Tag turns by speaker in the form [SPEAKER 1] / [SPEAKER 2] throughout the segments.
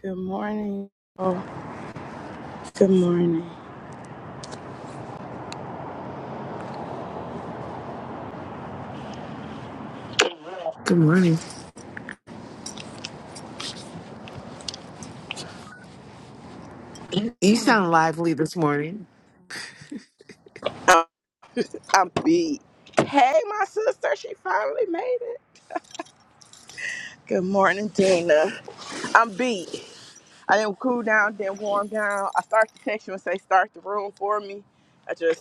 [SPEAKER 1] Good morning. Oh, good morning.
[SPEAKER 2] Good morning. You sound lively this morning.
[SPEAKER 1] I'm, I'm beat. Hey, my sister, she finally made it. Good morning, Dina. I'm beat. I didn't cool down, didn't warm down. I start to text you and say start the room for me. I just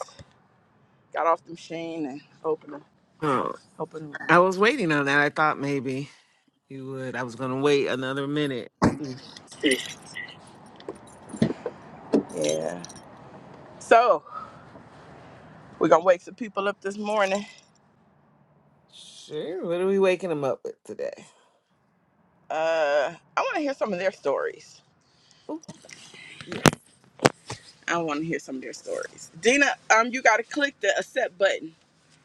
[SPEAKER 1] got off the machine and opened the
[SPEAKER 2] Oh,
[SPEAKER 1] open
[SPEAKER 2] I was waiting on that. I thought maybe you would. I was going to wait another minute.
[SPEAKER 1] the room. Yeah. So we're gonna wake some people up this morning.
[SPEAKER 2] Sure. What are we waking him up with today?
[SPEAKER 1] Uh, I want to hear some of their stories.
[SPEAKER 2] Oh, yeah.
[SPEAKER 1] I want to hear some of their stories. Dina, um, you gotta click the accept button.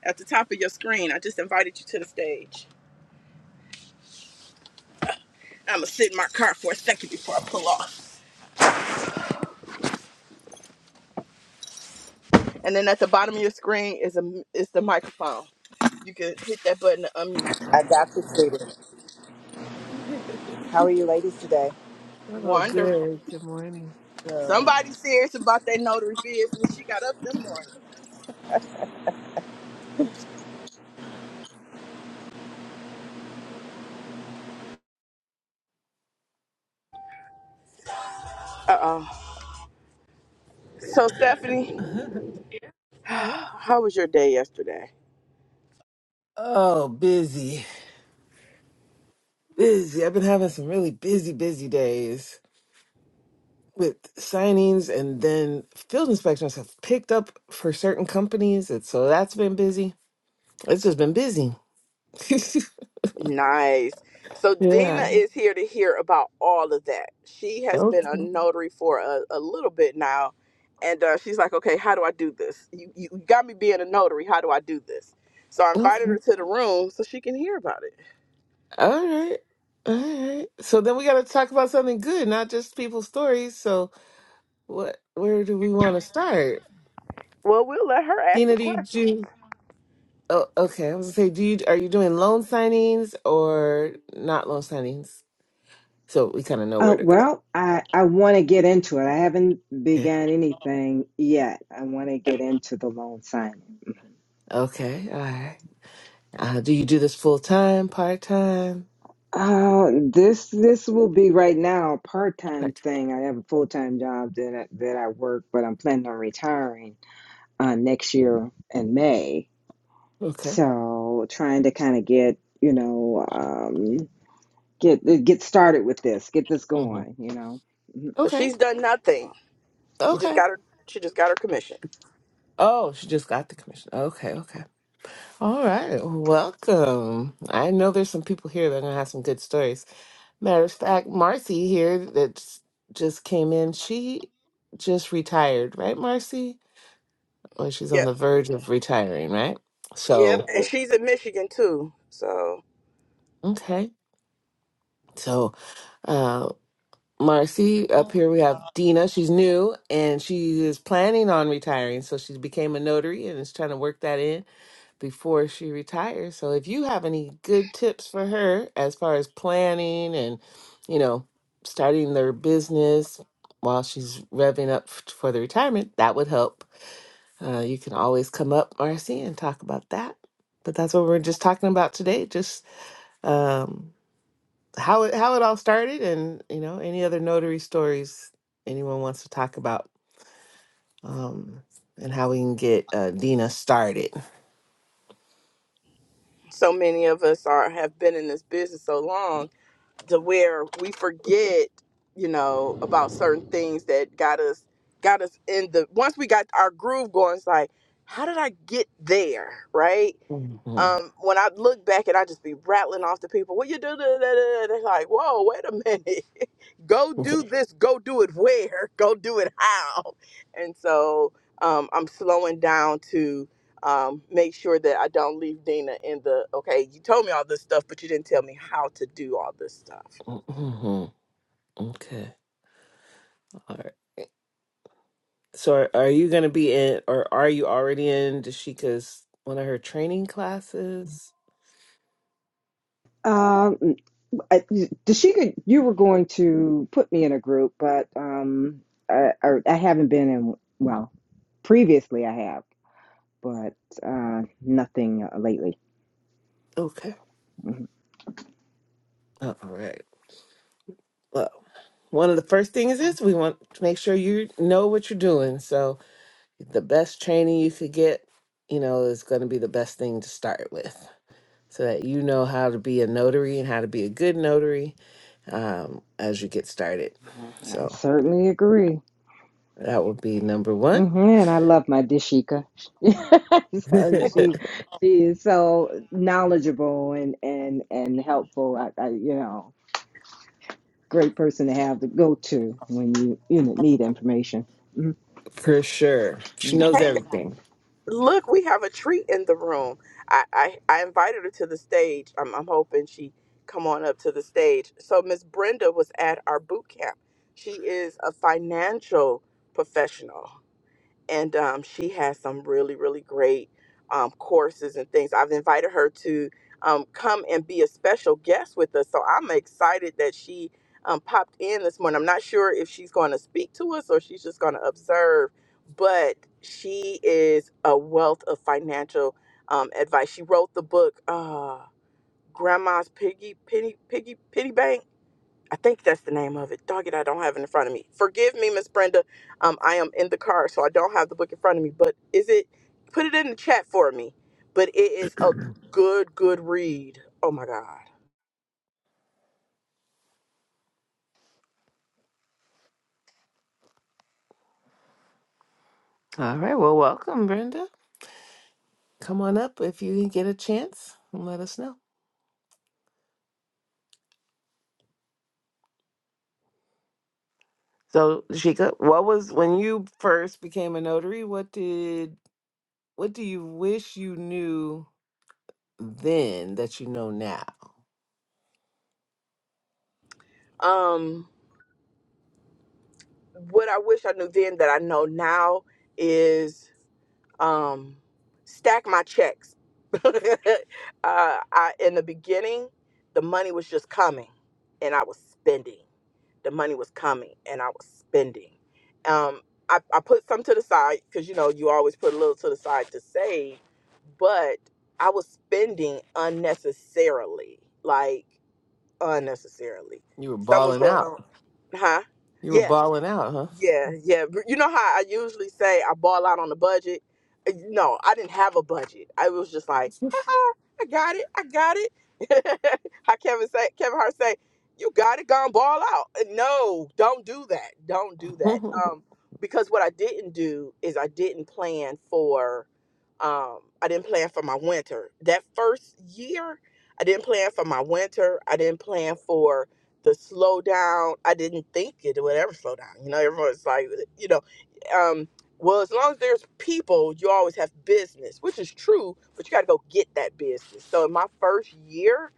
[SPEAKER 1] at the top of your screen. I just invited you to the stage. I'm gonna sit in my car for a second before I pull off. And then at the bottom of your screen is a is the microphone. You can hit that button to unmute.
[SPEAKER 3] I got you, sweetie. How are you ladies today?
[SPEAKER 2] oh,
[SPEAKER 1] Wonderful.
[SPEAKER 2] good. Good morning.
[SPEAKER 3] Good.
[SPEAKER 1] Somebody serious about that notary business. She got up this morning. Uh oh. So Stephanie,
[SPEAKER 2] yeah.
[SPEAKER 1] how was your day yesterday?
[SPEAKER 2] Oh, busy. Busy. I've been having some really busy, busy days. with signings and then field inspections have picked up for certain companies and so that's been busy it's just been busy
[SPEAKER 1] Nice. So Dina
[SPEAKER 2] yeah
[SPEAKER 1] Yeah. is here to hear about all of that. She has been a
[SPEAKER 2] okay
[SPEAKER 1] notary for a, a little bit now, and uh, she's like, "Okay, how do I do this? You, you you got me being a notary. How do I do this?" So I invited her
[SPEAKER 2] okay
[SPEAKER 1] to the room so she can hear about it.
[SPEAKER 2] all right all right so then we got to talk about something good not just people's stories so what where do we want to start
[SPEAKER 1] Well, we'll let her ask
[SPEAKER 2] dina
[SPEAKER 1] some
[SPEAKER 2] do you
[SPEAKER 1] questions.
[SPEAKER 2] do oh okay i was gonna say do you are you doing loan signings or not loan signings so we kind of know where
[SPEAKER 3] Uh,
[SPEAKER 2] to go
[SPEAKER 3] well, I, I want to get into it. I haven't
[SPEAKER 2] okay
[SPEAKER 3] began anything yet. I want to get into the loan signing.
[SPEAKER 2] okay all right Uh, do you do this full time, part time?
[SPEAKER 3] Uh, this this will be right now a part-time
[SPEAKER 2] Part
[SPEAKER 3] thing. I have a full-time job that I, that I work, but I'm planning on retiring uh, next year in May.
[SPEAKER 2] time. Okay.
[SPEAKER 3] So trying to kind of get, you know, um, get get started with this, get this
[SPEAKER 2] hmm
[SPEAKER 3] going, you know.
[SPEAKER 1] So
[SPEAKER 2] Okay.
[SPEAKER 1] she's done nothing. She just
[SPEAKER 2] Okay.
[SPEAKER 1] got her. She just got her commission.
[SPEAKER 2] Oh, she just got the commission. Okay. Okay. All right. Welcome. I know there's some people here that are going to have some good stories. Matter of fact, Marcy here that just came in, she just retired, right, Marcy? Or she's on
[SPEAKER 1] Yep.
[SPEAKER 2] the verge of retiring, right?
[SPEAKER 1] Yep.
[SPEAKER 2] So,
[SPEAKER 1] And she's in Michigan too. So
[SPEAKER 2] okay. So, uh, Marcy, up here we have Dina. She's new and she is planning on retiring. So she became a notary and is trying to work that in before she retires. So if you have any good tips for her as far as planning and, you know, starting their business while she's revving up f- for the retirement, that would help. Uh, you can always come up, Marcy, and talk about that. But that's what we're just talking about today. Just, um, how it how it all started and you know any other notary stories anyone wants to talk about um and how we can get uh, Dina started.
[SPEAKER 1] so many of us are have been in this business so long. to where we forget, you know, about certain things that got us got us in the once we got our groove going, it's like, how did I get there? Right?
[SPEAKER 2] Mhm.
[SPEAKER 1] um, when I look back and I just be rattling off to people, what you do? da, da, da, da," They're like, whoa, wait a minute. go
[SPEAKER 2] Okay.
[SPEAKER 1] do this. Go do it where? Go do it how? And so um, I'm slowing down to um, make sure that I don't leave Dina in the, okay, you told me all this stuff, but you didn't tell me how to do all this stuff.
[SPEAKER 2] Mhm. Okay. All right. So are, are you going to be in or are you already in Dashika's one of her training classes?
[SPEAKER 3] Um, I, Dashika, you were going to put me in a group, but um, I, I, I haven't been in. Well, previously I have, but uh, nothing uh, lately.
[SPEAKER 2] Okay.
[SPEAKER 3] Mhm.
[SPEAKER 2] Uh, All right. Well, one of the first things is we want to make sure you know what you're doing. So the best training you could get, you know, is going to be the best thing to start with, so that you know how to be a notary and how to be a good notary um, as you get started.
[SPEAKER 3] I I
[SPEAKER 2] So
[SPEAKER 3] certainly agree.
[SPEAKER 2] that would be number one
[SPEAKER 3] hmm and I love my Dashika. so she she is so knowledgeable and and and helpful. I, I you know great person to have to go to when you you know, need information. Mm-hmm.
[SPEAKER 2] for sure. She knows everything.
[SPEAKER 1] look, we have a treat in the room. I, I, I invited her to the stage. I'm, I'm hoping she come on up to the stage. So Miss Brenda was at our boot camp. She is a financial professional and um, she has some really really great um, courses and things i've invited her to um, come and be a special guest with us so i'm excited that she um, popped in this morning i'm not sure if she's going to speak to us or she's just going to observe but she is a wealth of financial um, advice she wrote the book uh, grandma's piggy penny piggy penny bank I think that's the name of it. Dog it, I don't have it in front of me. Forgive me, Miss Brenda. Um, I am in the car, so I don't have the book in front of me. But is it? Put it in the chat for me. But it is a good, good read. Oh my God.
[SPEAKER 2] All right. Well, welcome, Brenda. Come on up if you get a chance and let us know. So, Jika, what was when you first became a notary? What did what do you wish you knew then that you know now?
[SPEAKER 1] Um, what I wish I knew then that I know now is um, stack my checks. uh, I in the beginning, the money was just coming, and I was spending. the money was coming and I was spending. Um, I, I put some to the side because you know you always put a little to the side to save, but I was spending unnecessarily, like unnecessarily.
[SPEAKER 2] You were
[SPEAKER 1] Something was
[SPEAKER 2] balling
[SPEAKER 1] going
[SPEAKER 2] out.
[SPEAKER 1] on, huh?
[SPEAKER 2] You were
[SPEAKER 1] Yeah.
[SPEAKER 2] balling out,
[SPEAKER 1] Yeah, yeah. But You know how I usually say I ball out on the budget? Uh, No, I didn't have a budget. I was just like, haha, I got it, I got it. how Kevin say Kevin Hart say, You got it, gone ball out. Uh, No, don't do that. Don't do that.
[SPEAKER 2] huh?
[SPEAKER 1] Um, because what I didn't do is I didn't plan for um I didn't plan for my winter. That first year, I didn't plan for my winter. I didn't plan for the slowdown. I didn't think it would ever slow down. You know, everyone's like, uh, you know, um, well, as long as there's people, you always have business, which is true, but you got to go get that business. So in my first year,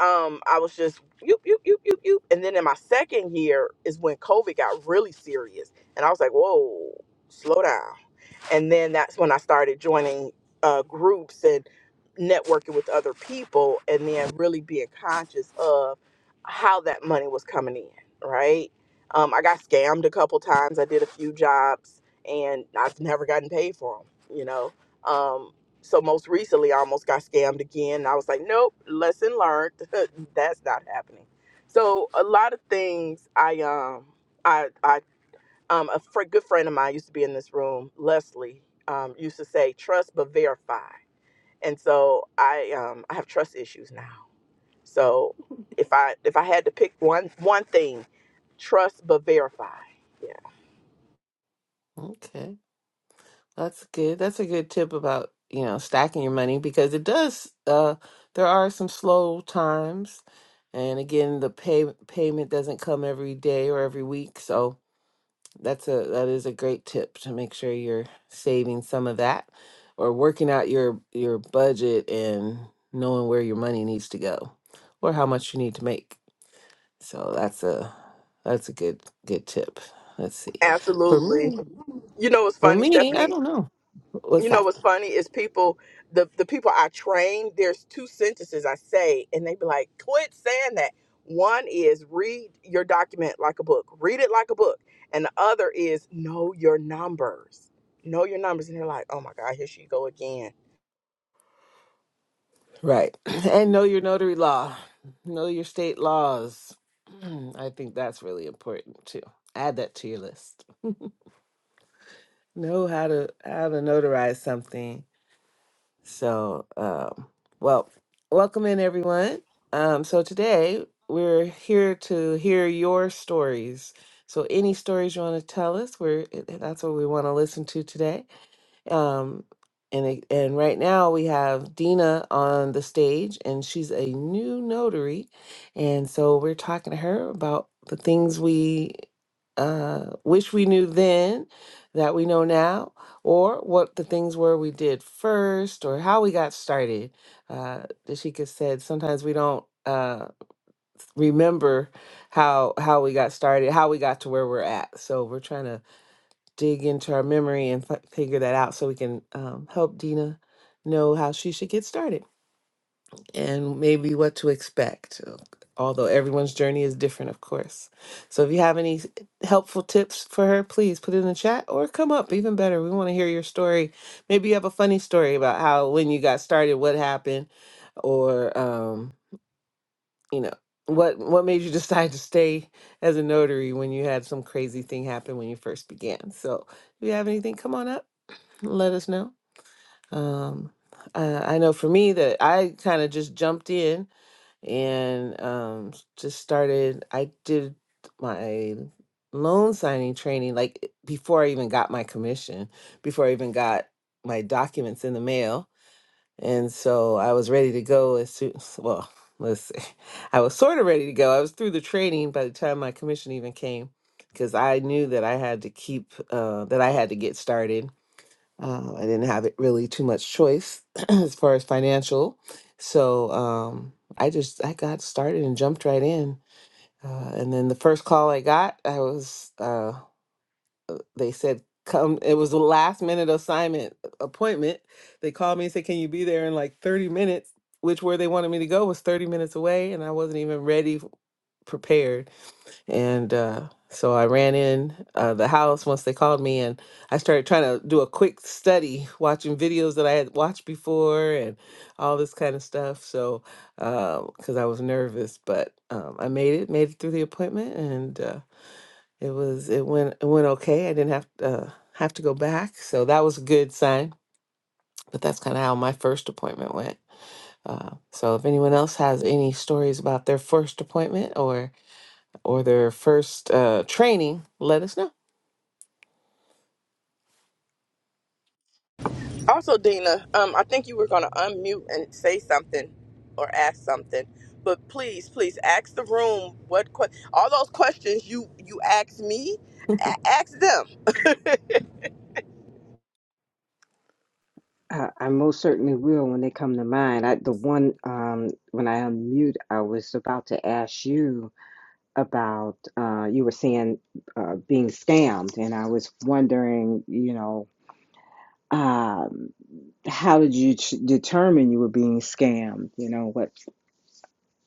[SPEAKER 1] um, I was just you, you, you, you, you, and then in my second year is when COVID got really serious, and I was like, whoa, slow down. And then that's when I started joining uh, groups and networking with other people and then really being conscious of how that money was coming in, right? Um, I got scammed a couple times. I did a few jobs and I've never gotten paid for them, you know? Um, so most recently, I almost got scammed again. And I was like, nope, lesson learned. That's not happening. So a lot of things I um I I um, a fr- good friend of mine used to be in this room. Leslie um, used to say, "Trust but verify," and so I um, I have trust issues now. So if I if I had to pick one one thing, trust but verify. Yeah,
[SPEAKER 2] okay, that's good. That's a good tip about you know stacking your money because it does. Uh, there are some slow times, and again, the pay payment doesn't come every day or every week, so That's a that is a great tip to make sure you're saving some of that or working out your your budget and knowing where your money needs to go or how much you need to make. So that's a that's a good good tip. Let's see. For
[SPEAKER 1] absolutely.
[SPEAKER 2] me,
[SPEAKER 1] You know what's
[SPEAKER 2] for
[SPEAKER 1] funny,
[SPEAKER 2] me, I
[SPEAKER 1] Stephanie?
[SPEAKER 2] don't know. What's
[SPEAKER 1] you know
[SPEAKER 2] that?
[SPEAKER 1] what's funny is people the the people I train, there's two sentences I say and they be like, "Quit saying that." One is read your document like a book. Read it like a book. And the other is know your numbers. Know your numbers and they're like, "Oh my god, here she go again."
[SPEAKER 2] Right. And know your notary law, know your state laws. I think that's really important too. Add that to your list. Know how to how to notarize something. So, um, well, welcome in everyone. Um, so today we're here to hear your stories. So any stories you want to tell us, we're that's what we want to listen to today um, and it- and right now we have Dina on the stage, and she's a new notary, and so we're talking to her about the things we uh, wish we knew then that we know now, or what the things were we did first, or how we got started. Uh, Dashika said sometimes we don't uh, remember how how we got started, how we got to where we're at. So we're trying to dig into our memory and f- figure that out so we can um, help Dina know how she should get started and maybe what to expect. uh, Although everyone's journey is different, of course. So if you have any s- helpful tips for her, please put it in the chat or come up. Even better, we want to hear your story. Maybe you have a funny story about how when you got started, what happened, or um, you know what what made you decide to stay as a notary when you had some crazy thing happen when you first began. So if you have anything, come on up let us know. Um, uh, I know for me that I kind of just jumped in and um, s- just started. I did my loan signing training like i- before I even got my commission, before I even got my documents in the mail, and so I was ready to go as soon. s- Well, let's see. I was sort of ready to go. I was through the training by the time my commission even came because I knew that I had to keep uh, that I had to get started um, I didn't have it really too much choice as far as financial. So um, I just I got started and jumped right in. Uh, and then the first call I got, I was uh, they said come. It was a last minute assignment appointment. They called me and said, "Can you be there in like 30 minutes?" Which where they wanted me to go was 30 minutes away, and I wasn't even ready, prepared. And uh, so I ran in uh, the house once they called me, and I started trying to do a quick study, watching videos that I had watched before and all this kind of stuff. So, because I was nervous, but um, I made it, made it through the appointment, and uh, it was it went it went okay. I didn't have uh, have to go back, so that was a good sign. But that's kind of how my first appointment went. Uh, so, if anyone else has any stories about their first appointment or or their first uh, training, let us know.
[SPEAKER 1] Also, Dina, um I think you were going to unmute and say something or ask something. But please, please ask the room what que- all those questions you you asked me, a- ask them
[SPEAKER 3] I, I most certainly will when they come to mind. I, the one um, when I unmute, I was about to ask you about. Uh, you were saying uh, being scammed, and I was wondering, you know, um, how did you ch- determine you were being scammed? You know, what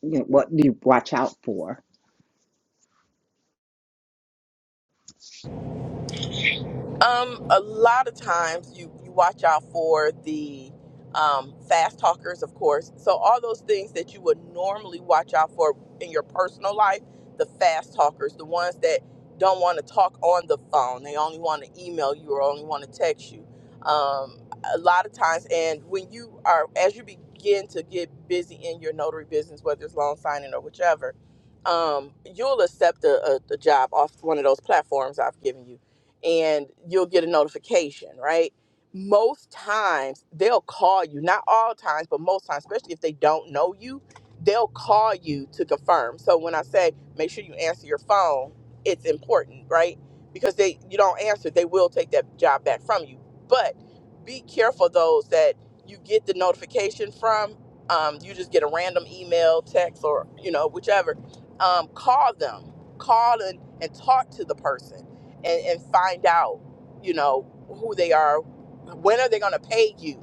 [SPEAKER 3] you know, what do you watch out for?
[SPEAKER 1] Um, a lot of times you you watch out for the um, fast talkers, of course. So all those things that you would normally watch out for in your personal life, the fast talkers, the ones that don't want to talk on the phone, they only want to email you or only want to text you. Um, a lot of times, and when you are as you begin to get busy in your notary business, whether it's loan signing or whichever, um, you'll accept a, a, a job off one of those platforms I've given you and you'll get a notification, right? Most times they'll call you, not all times, but most times, especially if they don't know you, they'll call you to confirm. So when I say make sure you answer your phone, it's important, right? Because they you don't answer, they will take that job back from you. But be careful those that you get the notification from. Um, you just get a random email, text, or you know whichever. Um, call them, call and, and talk to the person and, and find out, you know, who they are. When are they going to pay you,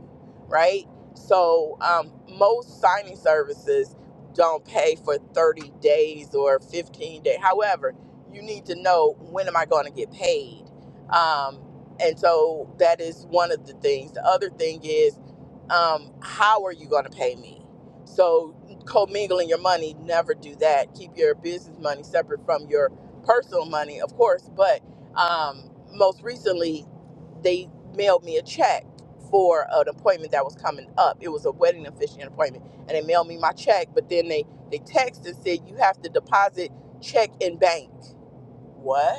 [SPEAKER 1] right? So um, most signing services don't pay for 30 days or 15 days. However, you need to know when am I going to get paid. Um, and so that is one of the things. The other thing is, um, how are you going to pay me? So commingling your money, never do that. Keep your business money separate from your personal money, of course, but um, most recently they mailed me a check for an appointment that was coming up it was a wedding officiant appointment and they mailed me my check but then they they texted and said you have to deposit check in bank what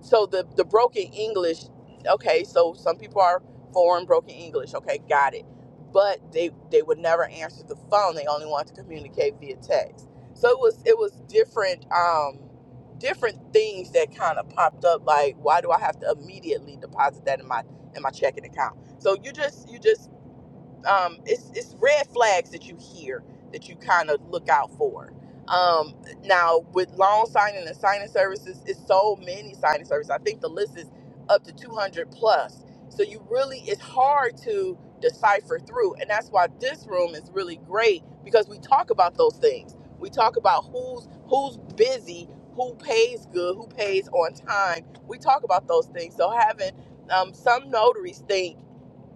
[SPEAKER 1] so the the broken english okay so some people are foreign broken english okay got it but they they would never answer the phone they only want to communicate via text so it was it was different um different things that kind of popped up like why do i have to immediately deposit that in my in my checking account so you just you just um, it's it's red flags that you hear that you kind of look out for. Um, now with loan signing and signing services, it's so many signing services. I think the list is up to 200 plus. So you really it's hard to decipher through, and that's why this room is really great because we talk about those things. We talk about who's who's busy, who pays good, who pays on time. We talk about those things. So having um, some notaries think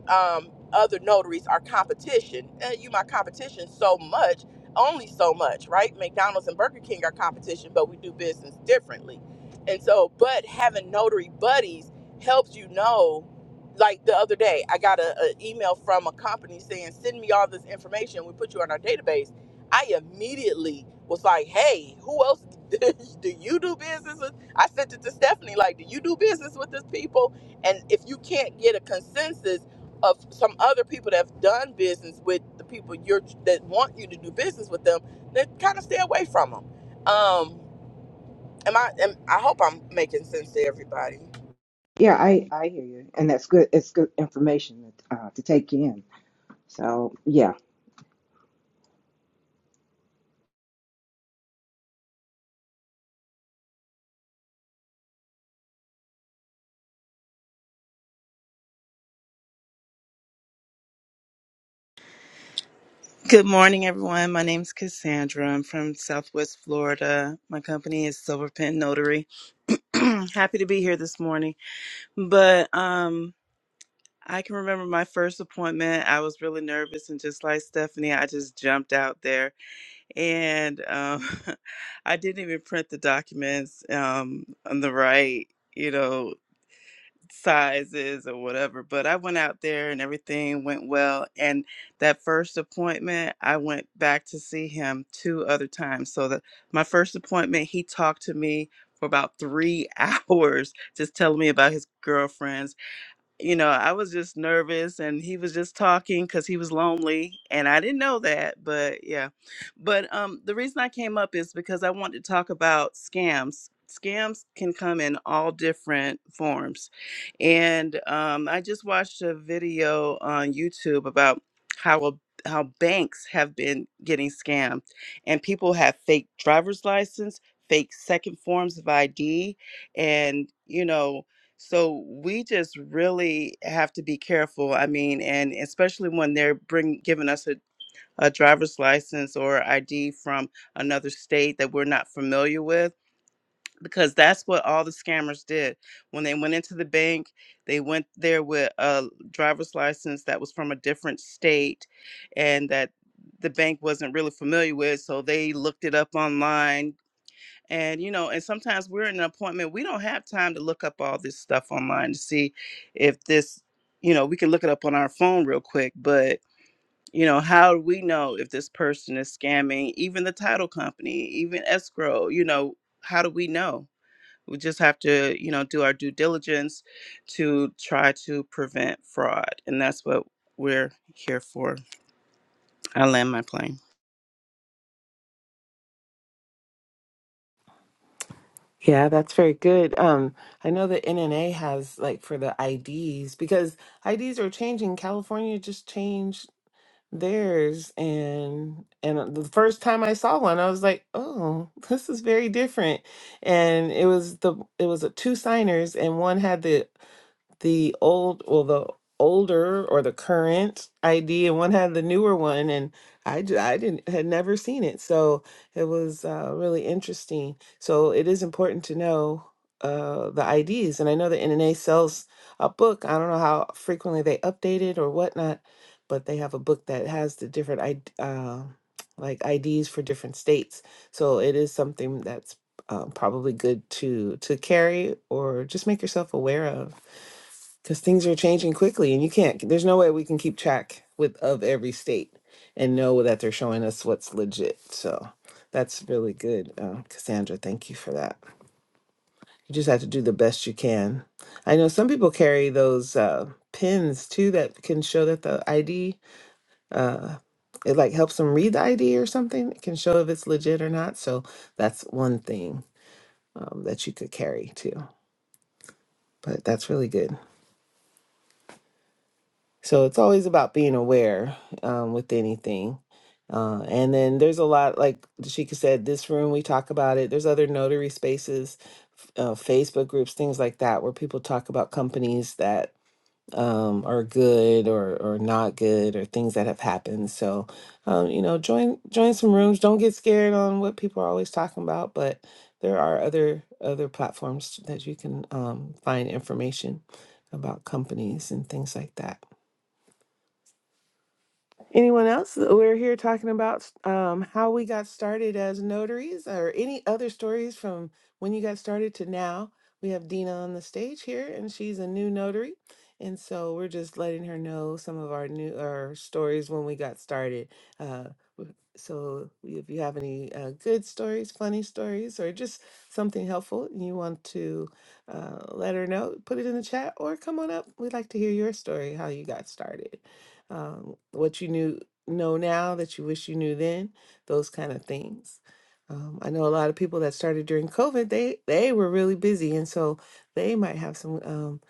[SPEAKER 1] um, other notaries are competition. And you my competition so much, only so much, right? McDonald's and Burger King are competition, but we do business differently. And so, but having notary buddies helps you know. Like the other day, I got a a email from a company saying, "Send me all this information. We put you on our database." I immediately was like, "Hey, who else do you do business with?" I sent it to Stephanie, like, "Do you do business with these people?" And if you can't get a consensus of some other people that have done business with the people you're that want you to do business with them, then kind of stay away from them. Um, am I? Am, I hope I'm making sense to everybody.
[SPEAKER 3] Yeah, I I hear you, and that's good. It's good information uh, to take in. So yeah,
[SPEAKER 4] Good morning, everyone. My name is Cassandra. I'm from Southwest Florida. My company is Silver Pen Notary. Happy to be here this morning. But um, I can remember my first appointment. I was really nervous, and just like Stephanie, I just jumped out there, and um, I didn't even print the documents um, on the right. You know, sizes or whatever. But I went out there and everything went well. And that first appointment, I went back to see him two other times. So that my first appointment, he talked to me for about three hours, just telling me about his girlfriends you know, I was just nervous and he was just talking because he was lonely. And I didn't know that, but yeah. But um, the reason I came up is because I wanted to talk about scams. Scams can come in all different forms. And um, I just watched a video on YouTube about how a how banks have been getting scammed and people have fake driver's license fake second forms of id and you know so we just really have to be careful. I mean, and especially when they're bring giving us a, a driver's license or ID from another state that we're not familiar with, because that's what all the scammers did. When they went into the bank, they went there with a driver's license that was from a different state and that the bank wasn't really familiar with. So they looked it up online, and you know and sometimes we're in an appointment we don't have time to look up all this stuff online to see if this you know we can look it up on our phone real quick but you know how do we know if this person is scamming even the title company even escrow you know how do we know we just have to you know do our due diligence to try to prevent fraud and that's what we're here for i land my plane
[SPEAKER 2] Yeah, that's very good. Um, I know the NNA has like for the IDs because IDs are changing. California just changed theirs, and and uh, the first time I saw one, I was like, "Oh, this is very different." And it was the it was a two signers, and one had the the old well the older or the current ID and one had the newer one and I, j- I didn't had never seen it so it was uh, really interesting so it is important to know uh, the IDs and I know that NNA sells a book I don't know how frequently they update it or whatnot but they have a book that has the different I D, uh, like IDs for different states so it is something that's uh, probably good to to carry or just make yourself aware of because things are changing quickly and you can't there's no way we can keep track with of every state and know that they're showing us what's legit so that's really good uh, cassandra thank you for that you just have to do the best you can i know some people carry those uh, pins too that can show that the id uh, it like helps them read the id or something it can show if it's legit or not so that's one thing um, that you could carry too but that's really good So it's always about being aware um, with anything. Uh, and then there's a lot, like Dashika said, this room, we talk about it. There's other notary spaces, f- uh, Facebook groups, things like that, where people talk about companies that um, are good or, or not good or things that have happened. So, um, you know, join, join some rooms. Don't get scared on what people are always talking about, but there are other, other platforms that you can um, find information about companies and things like that. Anyone else? We're here talking about um, how we got started as notaries or any other stories from when you got started to now. We have Dina on the stage here, and she's a new notary. And so we're just letting her know some of our new our stories when we got started. Uh, w- so if you have any uh, good stories, funny stories, or just something helpful and you want to uh, let her know, put it in the chat or come on up. We'd like to hear your story, how you got started um, what you knew know now that you wish you knew then, those kind of things. Um, I know a lot of people that started during COVID. They they were really busy, and so they might have some um,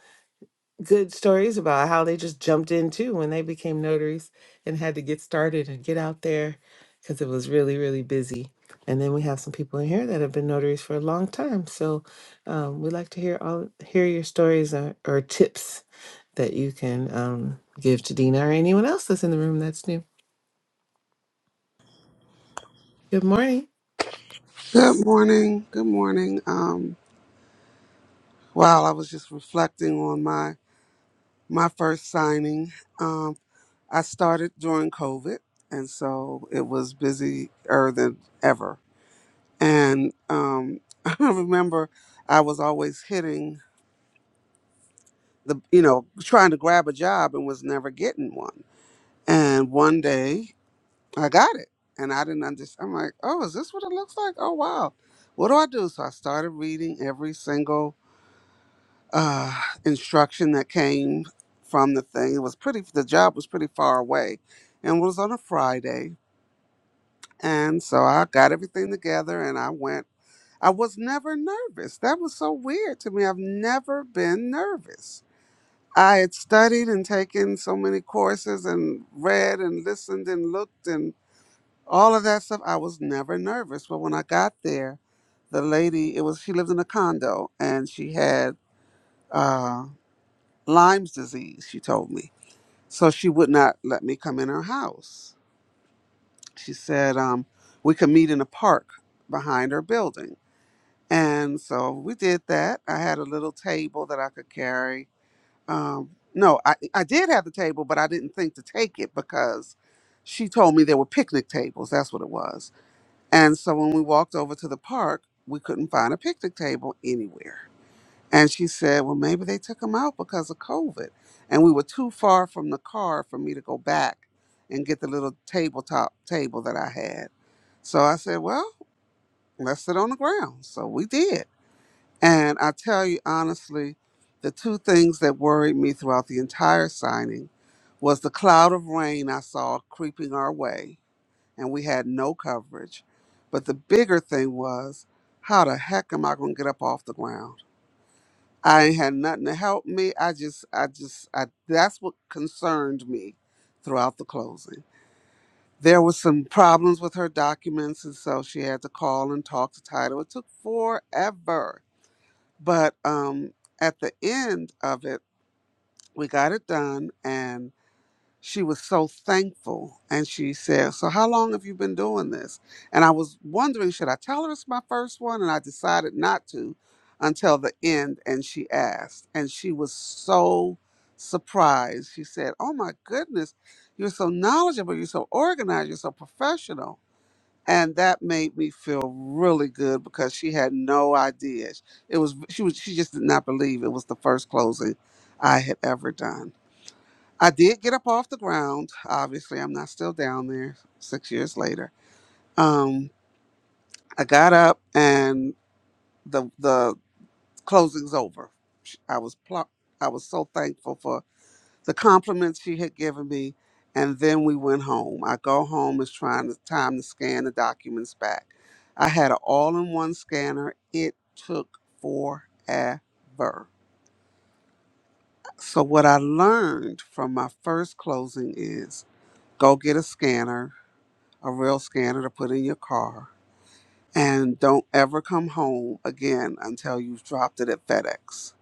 [SPEAKER 2] good stories about how they just jumped in too when they became notaries and had to get started and get out there because it was really really busy. And then we have some people in here that have been notaries for a long time, so um, we'd like to hear all hear your stories or, or tips that you can um, give to Dina or anyone else that's in the room that's new. Good morning.
[SPEAKER 5] Good morning. Good morning. Um, wow, I was just reflecting on my my first signing. Um, I started during COVID, and so it was busier than ever. And um, I remember I was always hitting the, you know, trying to grab a job and was never getting one. And one day I got it, and I didn't understand. I'm like, oh, is this what it looks like? Oh, wow. What do I do? So I started reading every single uh, instruction that came from the thing. It was pretty, the job was pretty far away and it was on a Friday. And so I got everything together and I went. I was never nervous. That was so weird to me. I've never been nervous. I had studied and taken so many courses and read and listened and looked and all of that stuff. I was never nervous. But when I got there, the lady, it was, she lived in a condo and she had, uh, Lyme's disease, she told me. So she would not let me come in her house. She said um, we could meet in a park behind her building. And so we did that. I had a little table that I could carry. Um, no, I, I did have the table, but I didn't think to take it because she told me there were picnic tables. That's what it was. And so when we walked over to the park, we couldn't find a picnic table anywhere. And she said, Well, maybe they took him out because of COVID. And we were too far from the car for me to go back and get the little tabletop table that I had. So I said, Well, let's sit on the ground. So we did. And I tell you honestly, the two things that worried me throughout the entire signing was the cloud of rain I saw creeping our way, and we had no coverage. But the bigger thing was, how the heck am I going to get up off the ground? I had nothing to help me. I just, I just, I, that's what concerned me throughout the closing. There was some problems with her documents, and so she had to call and talk to title. It took forever, but um, at the end of it, we got it done, and she was so thankful and she said so how long have you been doing this and i was wondering should i tell her it's my first one and i decided not to until the end and she asked and she was so surprised she said oh my goodness you're so knowledgeable you're so organized you're so professional and that made me feel really good because she had no idea it was she was she just did not believe it was the first closing i had ever done I did get up off the ground. Obviously, I'm not still down there six years later. Um, I got up and the the closing's over. Sh- I was pl- I was so thankful for the compliments she had given me, and then we went home. I go home is trying to time to scan the documents back. I had an all-in-one scanner. It took forever. So what I learned from my first closing is go get a scanner a real scanner to put in your car. And don't ever come home again until you've dropped it at FedEx.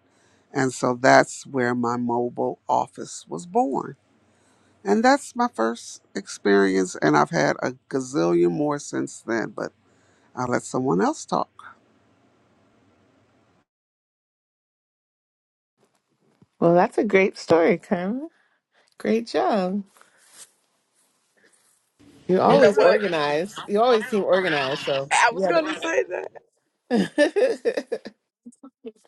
[SPEAKER 5] And so that's where my mobile office was born. And that's my first experience. And I've had a gazillion more since then, but I'll let someone else talk.
[SPEAKER 2] Well, that's a great story, Carmen. Great job. You're
[SPEAKER 1] You know
[SPEAKER 2] always
[SPEAKER 1] what?
[SPEAKER 2] organized. You always seem
[SPEAKER 1] I
[SPEAKER 2] organized, so you
[SPEAKER 1] was
[SPEAKER 2] have
[SPEAKER 1] gonna say that.
[SPEAKER 2] it.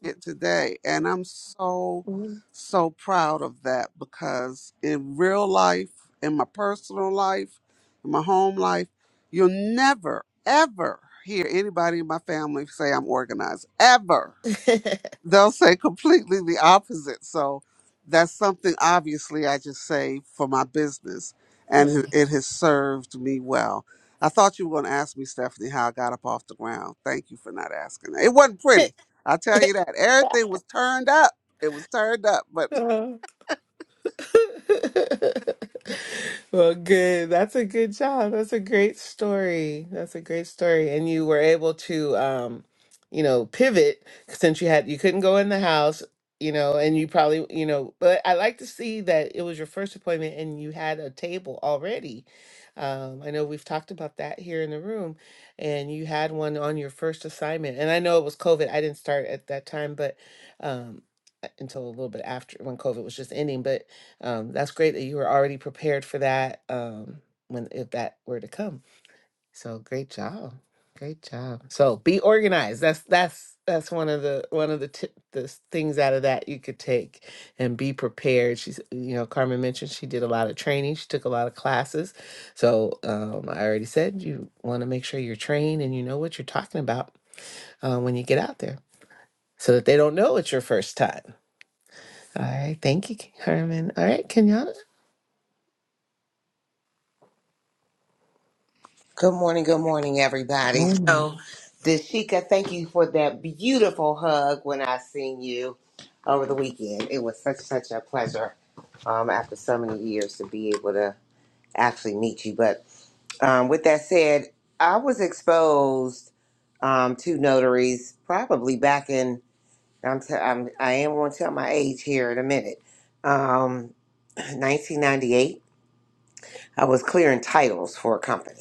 [SPEAKER 5] it today. And I'm so, so proud of that because in real life, in my personal life, in my home life, you'll never, ever hear anybody in my family say I'm organized. Ever they'll say completely the opposite. So that's something obviously I just say for my business, and it it has served me well. I thought you were going to ask me, Stephanie, how I got up off the ground. Thank you for not asking. It wasn't pretty. I tell you that. Everything was turned up. It was turned up. But
[SPEAKER 2] Well, good. That's a good job. That's a great story. That's a great story. And you were able to, um, you know, pivot since you had you couldn't go in the house, you know, and you probably, you know, but I like to see that it was your first appointment and you had a table already. Um, I know we've talked about that here in the room, and you had one on your first assignment. And I know it was COVID. I didn't start at that time, but um, until a little bit after when COVID was just ending, but um, that's great that you were already prepared for that um, when if that were to come. So great job, great job. So be organized. That's that's that's one of the one of the t- the s- things out of that you could take and be prepared. She's you know Carmen mentioned she did a lot of training. She took a lot of classes. So um, I already said you want to make sure you're trained and you know what you're talking about uh, when you get out there. So that they don't know it's your first time. All right. Thank you, Carmen. All right, Kenyatta.
[SPEAKER 6] Good morning, good morning, everybody.
[SPEAKER 2] Oh.
[SPEAKER 6] So, Dashika, thank you for that beautiful hug when I seen you over the weekend. It was such such a pleasure um, after so many years to be able to actually meet you. But um, with that said, I was exposed um, to notaries probably back in I'm, t- I'm I am going to tell my age here in a minute. Um, 1998, I was clearing titles for a company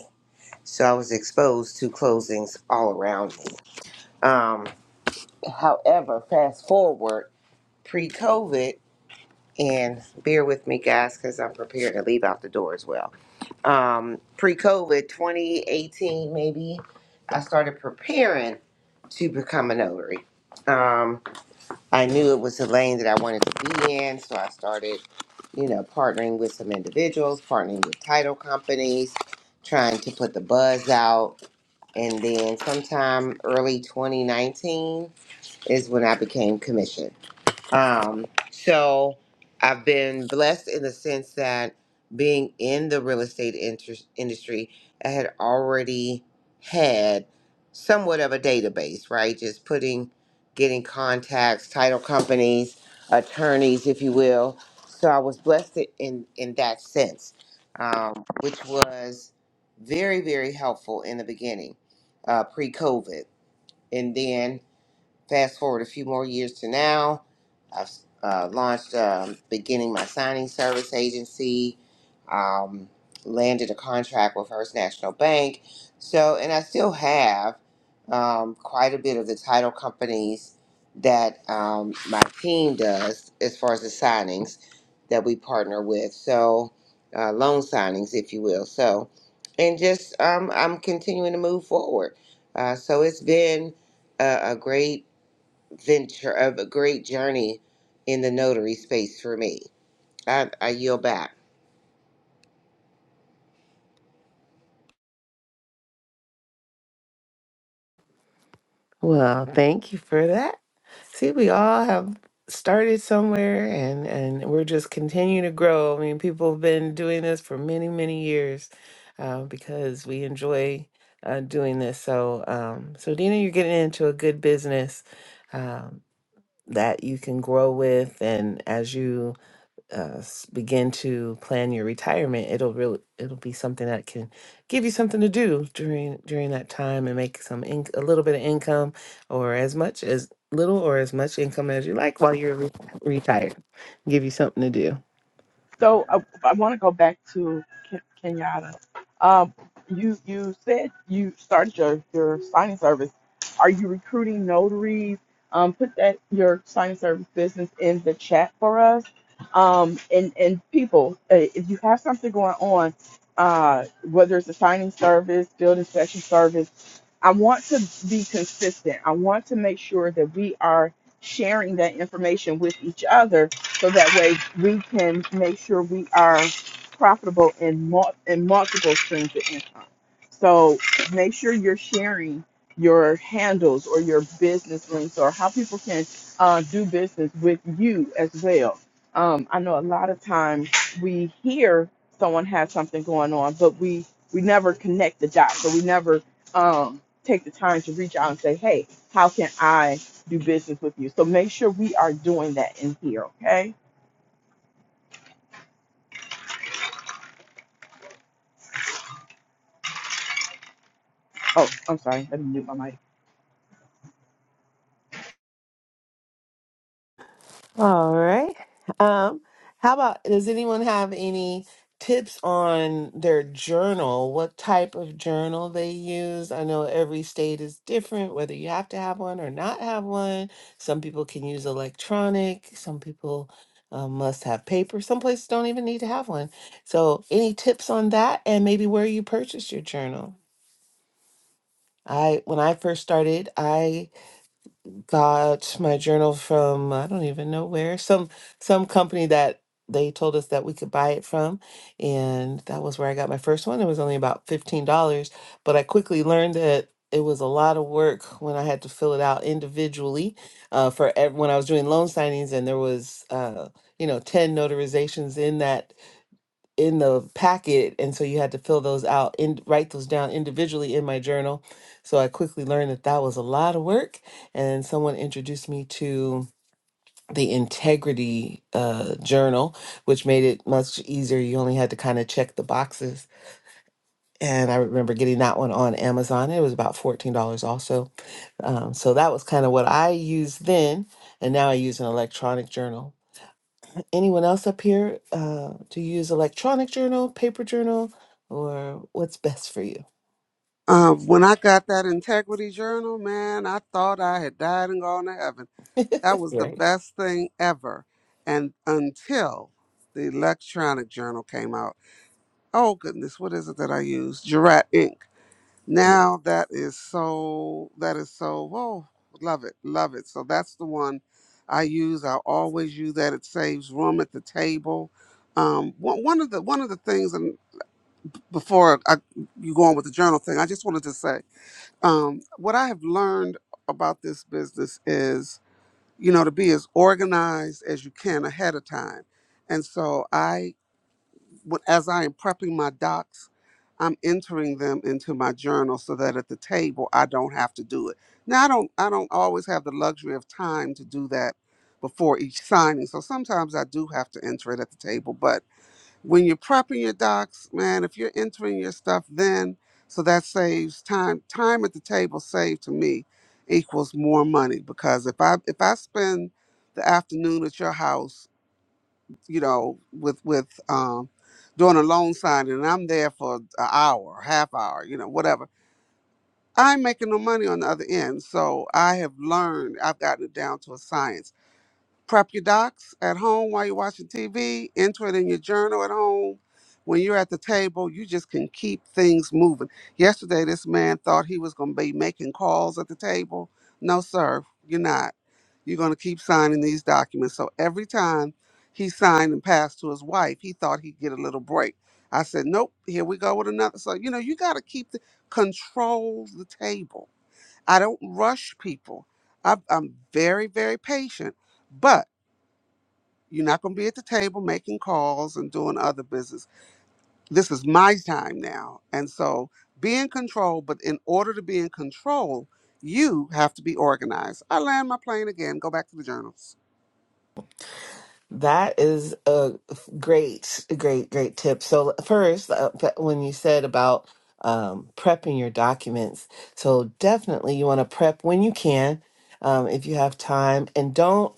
[SPEAKER 6] so I was exposed to closings all around me. Um, however, fast forward pre COVID, and bear with me, guys, because I'm prepared to leave out the door as well. Um, pre COVID, 2018, maybe, I started preparing to become a notary. Um, I knew it was the lane that I wanted to be in, so I started, you know, partnering with some individuals, partnering with title companies, trying to put the buzz out and then sometime early 2019 is when I became commissioned. Um, so I've been blessed in the sense that being in the real estate inter- industry, I had already had somewhat of a database, right? Just putting, getting contacts, title companies, attorneys, if you will. So I was blessed in in that sense, um, which was very very helpful in the beginning, uh, pre COVID, and then Fast forward a few more years to now, I've uh, launched, um, beginning my signing service agency, um, landed a contract with First National Bank. So, and I still have um, quite a bit of the title companies that um, my team does as far as the signings that we partner with. So, uh, loan signings, if you will. So, and just um, I'm continuing to move forward. Uh, so it's been a, a great venture of a great journey in the notary space for me. I, I yield back.
[SPEAKER 2] Well, thank you for that. See, we all have started somewhere and and we're just continuing to grow. I mean, people have been doing this for many, many years uh, because we enjoy uh, doing this. So, um, so Dina, you're getting into a good business um, that you can grow with, and as you uh, s- begin to plan your retirement, it'll really it'll be something that can give you something to do during during that time and make some in, a little bit of income or as much as little or as much income as you like while you're re- retired. Give you something to do.
[SPEAKER 1] So I, I want to go back to Ken- Kenyatta. Um, you you said you started your your signing service. Are you recruiting notaries? Um, put that your signing service business in the chat for us. Um, and and people, uh, if you have something going on, uh, whether it's a signing service, field inspection service, I want to be consistent. I want to make sure that we are sharing that information with each other so that way we can make sure we are profitable in, mul- in multiple streams of income. So make sure you're sharing your handles or your business links or how people can uh, do business with you as well. Um, I know a lot of times we hear someone has something going on, but we we never connect the dots, so we never um, take the time to reach out and say, "Hey, how can I?" do business with you. So make sure we are doing that in here, okay? Oh, I'm sorry. Let me mute my mic.
[SPEAKER 2] All right. Um, how about does anyone have any tips on their journal? What type of journal they use? I know every state is different, whether you have to have one or not have one. Some people can use electronic, some people uh, must have paper. Some places don't even need to have one. So, any tips on that and maybe where you purchased your journal? I when I first started, I got my journal from I don't even know where some some company that they told us that we could buy it from, and that was where I got my first one. It was only about fifteen dollars, but I quickly learned that it was a lot of work when I had to fill it out individually uh, for ev- when I was doing loan signings, and there was uh, you know ten notarizations in that in the packet and so you had to fill those out and write those down individually in my journal so i quickly learned that that was a lot of work and someone introduced me to the integrity uh, journal which made it much easier you only had to kind of check the boxes and i remember getting that one on amazon it was about $14 also um, so that was kind of what i used then and now i use an electronic journal Anyone else up here? Uh, do use electronic journal, paper journal, or what's best for you?
[SPEAKER 5] uh, when I got that integrity journal, man, I thought I had died and gone to heaven. That was the
[SPEAKER 2] Right.
[SPEAKER 5] best thing ever. And until the electronic journal came out, oh goodness, what is it that I use? Jurat ink.
[SPEAKER 2] Yeah.
[SPEAKER 5] Now that is so that is so oh love it, love it. So that's the one I use. I always use that. It saves room at the table. Um, one one of the one of the things, and before I, you go on with the journal thing, I just wanted to say um, what I have learned about this business is you know to be as organized as you can ahead of time, and so I what- as I am prepping my docs, I'm entering them into my journal so that at the table I don't have to do it. Now I don't I don't always have the luxury of time to do that before each signing. So sometimes I do have to enter it at the table. But when you're prepping your docs, man, if you're entering your stuff then, so that saves time. Time at the table saved to me equals more money because if I if I spend the afternoon at your house you know, with with um doing a loan signing and I'm there for an hour, half hour, you know, whatever. I ain't making no money on the other end. So I have learned, I've gotten it down to a science Prep your docs at home while you're watching TV. Enter it in your journal at home. When you're at the table, you just can keep things moving. Yesterday, this man thought he was going to be making calls at the table. No, sir, you're not. You're going to keep signing these documents. So every time he signed and passed to his wife, he thought he'd get a little break. I said, nope, here we go with another. So, you know, you got to keep the control the table. I don't rush people. I, I'm very, very patient. but you're not going to be at the table making calls and doing other business. This is my time now. And so be in control. But in order to be in control, you have to be organized. I land my plane again, go back to the journals.
[SPEAKER 2] That is a great, great, great tip. So first, uh, p- when you said about um, prepping your documents, so definitely you want to prep when you can, um, if you have time, and don't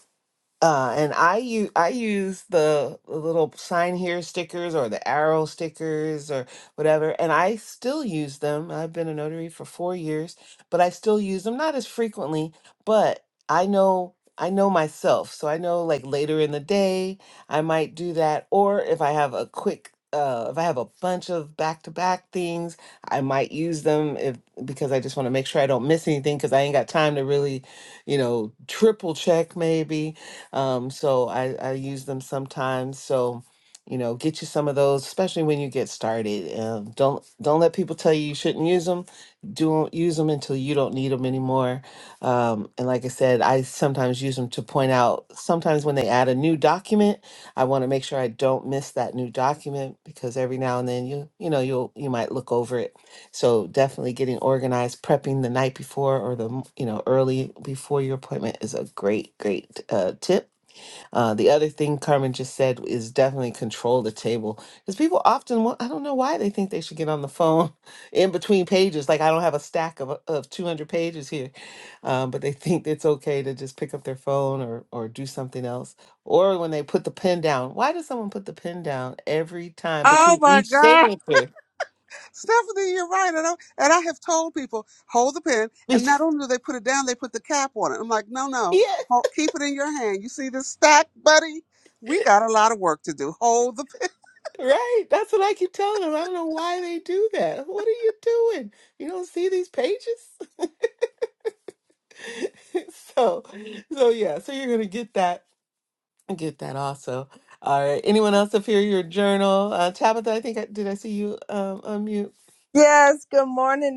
[SPEAKER 2] uh, and I use I use the little sign here stickers or the arrow stickers or whatever, and I still use them. I've been a notary for four years, but I still use them not as frequently, but I know I know myself, so I know like later in the day I might do that, or if I have a quick. Uh, if I have a bunch of back-to-back things, I might use them if because I just want to make sure I don't miss anything because I ain't got time to really, you know, triple check maybe um, so I, I use them sometimes. So, you know, get you some of those, especially when you get started. Um, don't don't let people tell you you shouldn't use them. Don't use them until you don't need them anymore. Um, and like I said, I sometimes use them to point out. Sometimes when they add a new document, I want to make sure I don't miss that new document because every now and then you you know you'll you might look over it. So definitely getting organized, prepping the night before or the m- you know early before your appointment is a great great uh, tip uh, the other thing Carmen just said is definitely control the table because people often want, I don't know why they think they should get on the phone in between pages. Like I don't have a stack of, of 200 pages here, um, but they think it's okay to just pick up their phone or, or do something else. Or when they put the pen down, why does someone put the pen down every time
[SPEAKER 5] Oh
[SPEAKER 2] between
[SPEAKER 5] my
[SPEAKER 2] each
[SPEAKER 5] God.
[SPEAKER 2] signature?
[SPEAKER 5] Stephanie, you're right. And I, and I have told people, hold the pen. And not
[SPEAKER 2] yeah,
[SPEAKER 5] only do they put it down, they put the cap on it. I'm like, no, no, hold, keep it in your hand. You see this stack, buddy? We got a lot of work to do. Hold the pen.
[SPEAKER 2] right. That's what I keep telling them. I don't know why they do that. What are you doing? You don't see these pages? so so yeah so you're gonna get that get that also all right anyone else up here your journal uh tabitha i think I, did i see you um unmute
[SPEAKER 7] Yes, good morning,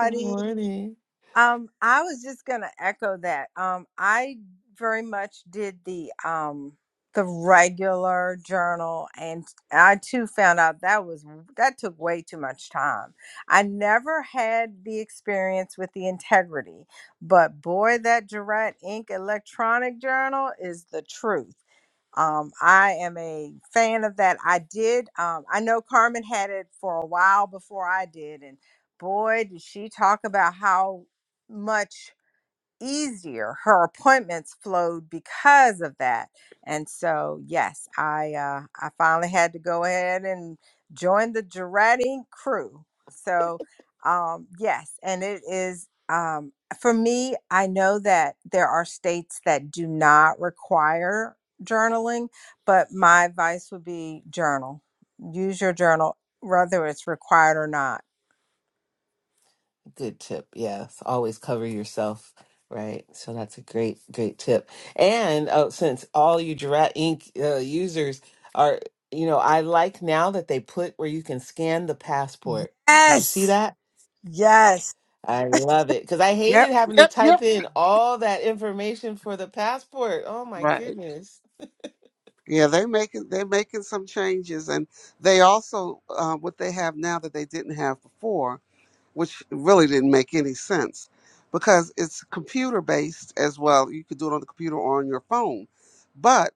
[SPEAKER 2] good morning
[SPEAKER 7] Um, I was just gonna echo that. Um, I very much did the um the regular journal, and I too found out that was that took way too much time. I never had the experience with the integrity, but boy, that Durant Ink electronic journal is the truth. Um, I am a fan of that. I did. Um, I know Carmen had it for a while before I did, and boy, did she talk about how much easier. Her appointments flowed because of that. And so, yes, I uh, I finally had to go ahead and join the Giratti crew. So, um, yes, and it is um, for me. I know that there are states that do not require journaling, but my advice would be journal. Use your journal, whether it's required or not.
[SPEAKER 2] good tip yes always cover yourself right so that's a great great tip and oh since all you Giraffe ink uh, users are you know i like now that they put where you can scan the passport did you see
[SPEAKER 7] Yes.
[SPEAKER 2] that
[SPEAKER 7] Yes.
[SPEAKER 2] I love it because I hated
[SPEAKER 5] Yep,
[SPEAKER 2] having to
[SPEAKER 5] yep,
[SPEAKER 2] type
[SPEAKER 5] yep.
[SPEAKER 2] in all that information for the passport. Oh my
[SPEAKER 5] Right.
[SPEAKER 2] goodness.
[SPEAKER 5] Yeah, they making they making some changes, and they also uh, what they have now that they didn't have before, which really didn't make any sense, because it's computer based as well. You could do it on the computer or on your phone, but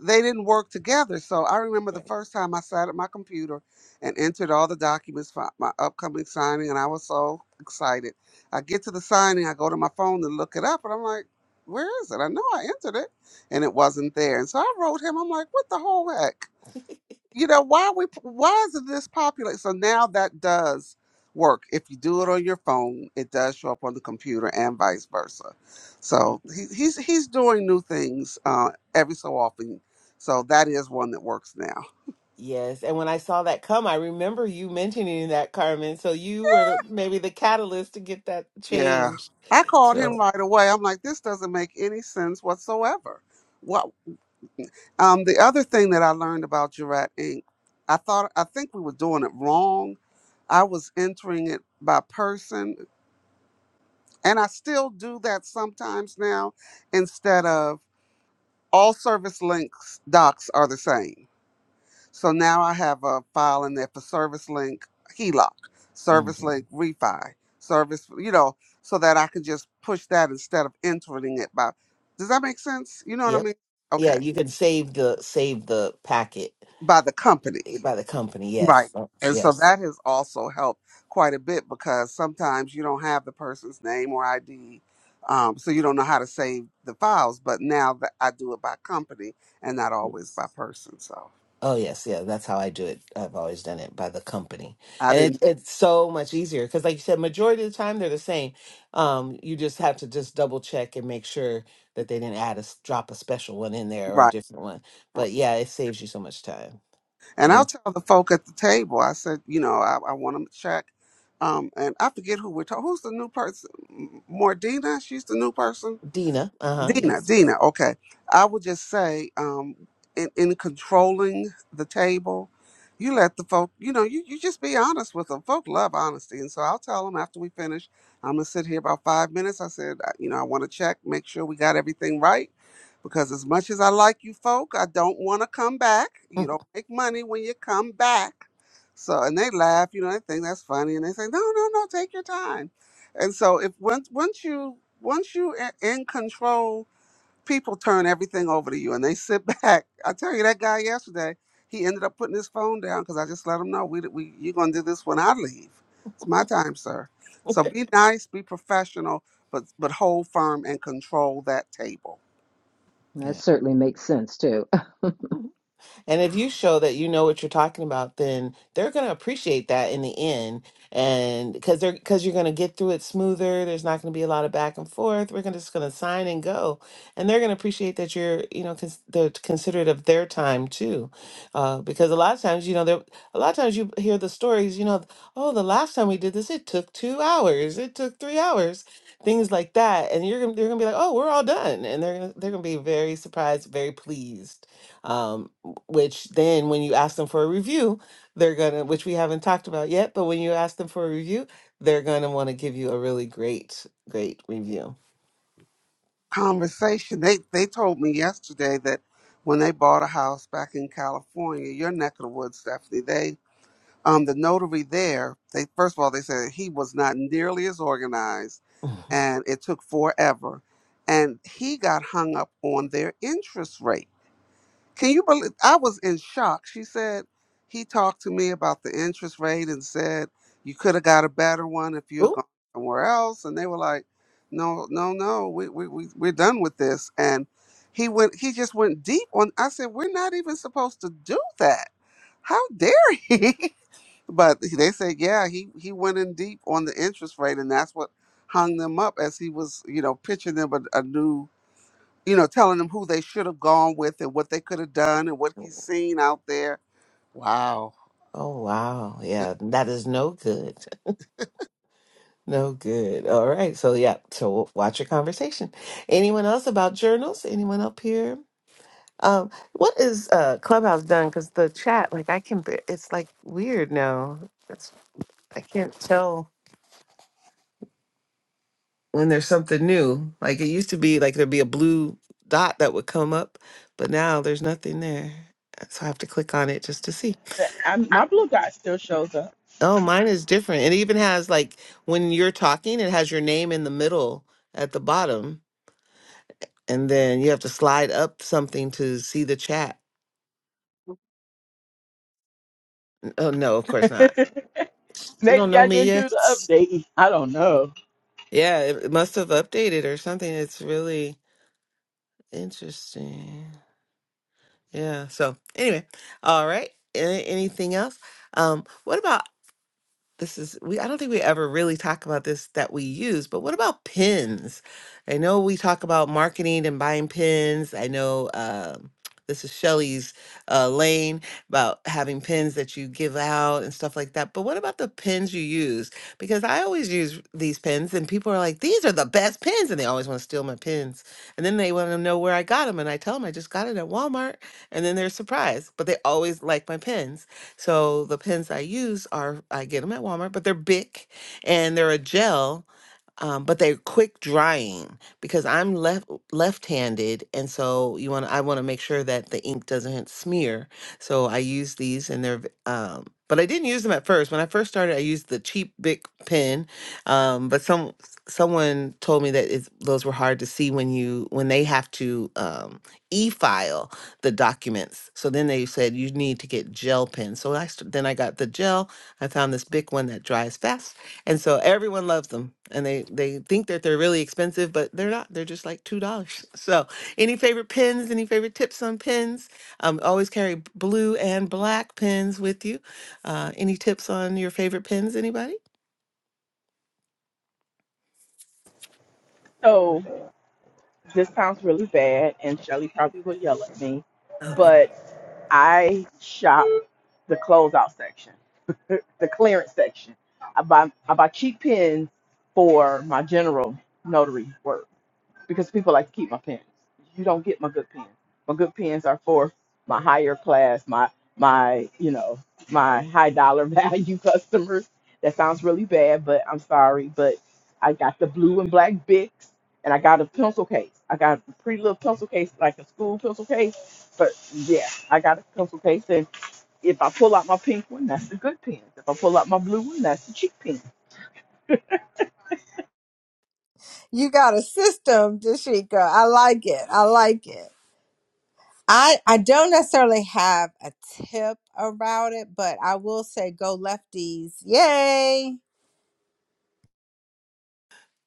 [SPEAKER 5] they didn't work together. So I remember the
[SPEAKER 2] Right.
[SPEAKER 5] first time I sat at my computer and entered all the documents for my upcoming signing, and I was so excited. I get to the signing, I go to my phone to look it up, and I'm like, where is it? I know I entered it, and it wasn't there. And so I wrote him, I'm like, what the whole heck? you know why we why is it this popular so now that does work if you do it on your phone it does show up on the computer and vice versa
[SPEAKER 2] Y-
[SPEAKER 5] so he, he's he's doing new things uh every so often so that is one that works now
[SPEAKER 2] Yes, and when I saw that come, I remember you mentioning that, Carmen. So you were the, maybe the catalyst to get that
[SPEAKER 5] yeah
[SPEAKER 2] changed.
[SPEAKER 5] i called him
[SPEAKER 2] So,
[SPEAKER 5] right away i'm like this doesn't make any sense whatsoever What? um the other thing that i learned about Jurat inc i thought i think we were doing it wrong I was entering it by person. And I still do that sometimes now instead of all service links docs are the same. So now I have a file in there for service link HELOC, service
[SPEAKER 2] mhm.
[SPEAKER 5] link refi, service, you know, so that I can just push that instead of entering it by. Does that make sense? You know what I
[SPEAKER 2] yep,
[SPEAKER 5] mean?
[SPEAKER 2] yeah,
[SPEAKER 5] Okay.
[SPEAKER 2] you can save the save the packet
[SPEAKER 5] By the company.
[SPEAKER 2] eh, by the company.
[SPEAKER 5] Right.
[SPEAKER 2] Yes,
[SPEAKER 5] And so
[SPEAKER 2] yes,
[SPEAKER 5] that has also helped quite a bit because sometimes you don't have the person's name or ID. Um, so you don't know how to save the files. But now that I do it by company and not always
[SPEAKER 2] yes.
[SPEAKER 5] by person. So
[SPEAKER 2] Oh yes, yeah, that's how I do it. I've always done it by the company,
[SPEAKER 5] I
[SPEAKER 2] and
[SPEAKER 5] didn't,
[SPEAKER 2] it, it's so much easier because, like you said, majority of the time they're the same. Um, you just have to just double check and make sure that they didn't add a s- drop a special one in there or a
[SPEAKER 5] right.
[SPEAKER 2] different one. But yeah, it saves you so much time.
[SPEAKER 5] And I'll
[SPEAKER 2] Thanks,
[SPEAKER 5] tell the folk at the table, I said, you know, I, I want them to check. Um, and I forget who we're talking. Who's the new person? M- Mordina? She's the new person.
[SPEAKER 2] Dina. Uh huh.
[SPEAKER 5] Dina,
[SPEAKER 2] Yes.
[SPEAKER 5] Dina, okay. I would just say, um, in, in controlling the table, you let the folk, you know, you, you just be honest with them. Folk love honesty. And so I'll tell them after we finish, I'm going to sit here about five minutes. I said, I- you know, I want to check, make sure we got everything right. Because as much as I like you folk, I don't want to come back. You don't make money when you come back. So, and they laugh, you know, they think that's funny. And they say, no, no, no, take your time. And so if once, once you, once you are in control people turn everything over to you and they sit back. I tell you, that guy yesterday, he ended up putting his phone down because I just let him know we, we you're gonna do this when I leave. It's my time, sir. So be nice, be professional, but but hold firm and control that table.
[SPEAKER 3] that
[SPEAKER 2] yeah.
[SPEAKER 3] certainly makes sense too.
[SPEAKER 2] And if you show that you know what you're talking about, then they're going to appreciate that in the end. And because they're because you're going to get through it smoother. There's not going to be a lot of back and forth. We're gonna, just going to sign and go, and they're going to appreciate that you're you know cons- they're considerate of their time too, uh, because a lot of times you know there a lot of times you hear the stories you know oh the last time we did this it took two hours it took three hours things like that and you're gonna they're gonna be like oh we're all done and they're gonna they're gonna be very surprised very pleased um, which then when you ask them for a review, they're gonna, which we haven't talked about yet, but when you ask them for a review, they're gonna want to give you a really great, great review.
[SPEAKER 5] Conversation. They they told me yesterday that when they bought a house back in California, your neck of the woods, Stephanie, they um, the notary there, they first of all they said he was not nearly as organized,
[SPEAKER 2] Mhm.
[SPEAKER 5] and it took forever, and he got hung up on their interest rate. Can you believe? I was in shock. She said he talked to me about the interest rate and said you could have got a better one if you had
[SPEAKER 2] Ooh.
[SPEAKER 5] gone somewhere else, and they were like, no, no, no, we we, we we're done with this, and. He went. He just went deep on. I said, "We're not even supposed to do that. How dare he?" But they said, yeah, he he went in deep on the interest rate, and that's what hung them up as he was, you know, pitching them a, a new, you know, telling them who they should have gone with and what they could have done and what he's seen out there. Wow.
[SPEAKER 2] Oh wow. Yeah, that is no good. No good. All right. So yeah, so watch your conversation. Anyone else about journals? Anyone up here? Um, what is uh Clubhouse done? Because the chat, like I can, bar- it's like weird now. It's I can't tell. when there's something new. Like it used to be like there'd be a blue dot that would come up, but now there's nothing there. So I have to click on it just to see.
[SPEAKER 1] Uh, I'm, my blue dot still shows up.
[SPEAKER 2] Oh, mine is different. It even has like when you're talking, it has your name in the middle at the bottom, and then you have to slide up something to see the chat. Oh no, of course not. You don't
[SPEAKER 1] Maybe
[SPEAKER 2] know
[SPEAKER 1] I
[SPEAKER 2] me
[SPEAKER 1] didn't do
[SPEAKER 2] yet.
[SPEAKER 1] the update. I don't know.
[SPEAKER 2] Yeah, it it must have updated or something. It's really interesting. Yeah. So anyway, all right. A- Anything else? Um, what about this is we I don't think we ever really talk about this that we use, but what about pins? I know we talk about marketing and buying pins. I know um this is Shelly's uh, lane about having pins that you give out and stuff like that. But what about the pins you use? Because I always use these pins, and people are like, "These are the best pins," and they always want to steal my pins. And then they want to know where I got them, and I tell them I just got it at Walmart, and then they're surprised. But they always like my pins. So the pens I use are I get them at Walmart, but they're big and they're a gel um, but they're quick drying because I'm left left-handed, and so you want I want to make sure that the ink doesn't smear. So I use these, and they're v- um, but I didn't use them at first. When I first started, I used the cheap Bic pen, um, but some someone told me that it's, those were hard to see when you when they have to um, e-file the documents. So then they said you need to get gel pens. So I st- then I got the gel. I found this Bic one that dries faster and so everyone loves them and they they think that they're really expensive, but they're not. They're just like $2. So, any favorite pens, any favorite tips on pens? Um, always carry b- blue and black pens with you. Uh, any tips on your favorite pens, anybody?
[SPEAKER 1] So this sounds really bad, and Shelly probably will yell at me,
[SPEAKER 2] Oh,
[SPEAKER 1] but I shop the closeout section, the clearance section. I buy, I buy cheap pins for my general notary work because people like to keep my pens. You don't get my good pens. My good pens are for my higher class, my my you know my high dollar value customers. That sounds really bad, but I'm sorry. But I got the blue and black Bics, and I got a pencil case. I got a pretty little pencil case, like a school pencil case. But yeah, I got a pencil case, and if I pull out my pink one, that's the good pen. If I pull out my blue one, that's the cheap pen.
[SPEAKER 7] You got a system, Dashika. I like it. I like it. I, I don't necessarily have a tip about it, but I will say go lefties. Yay.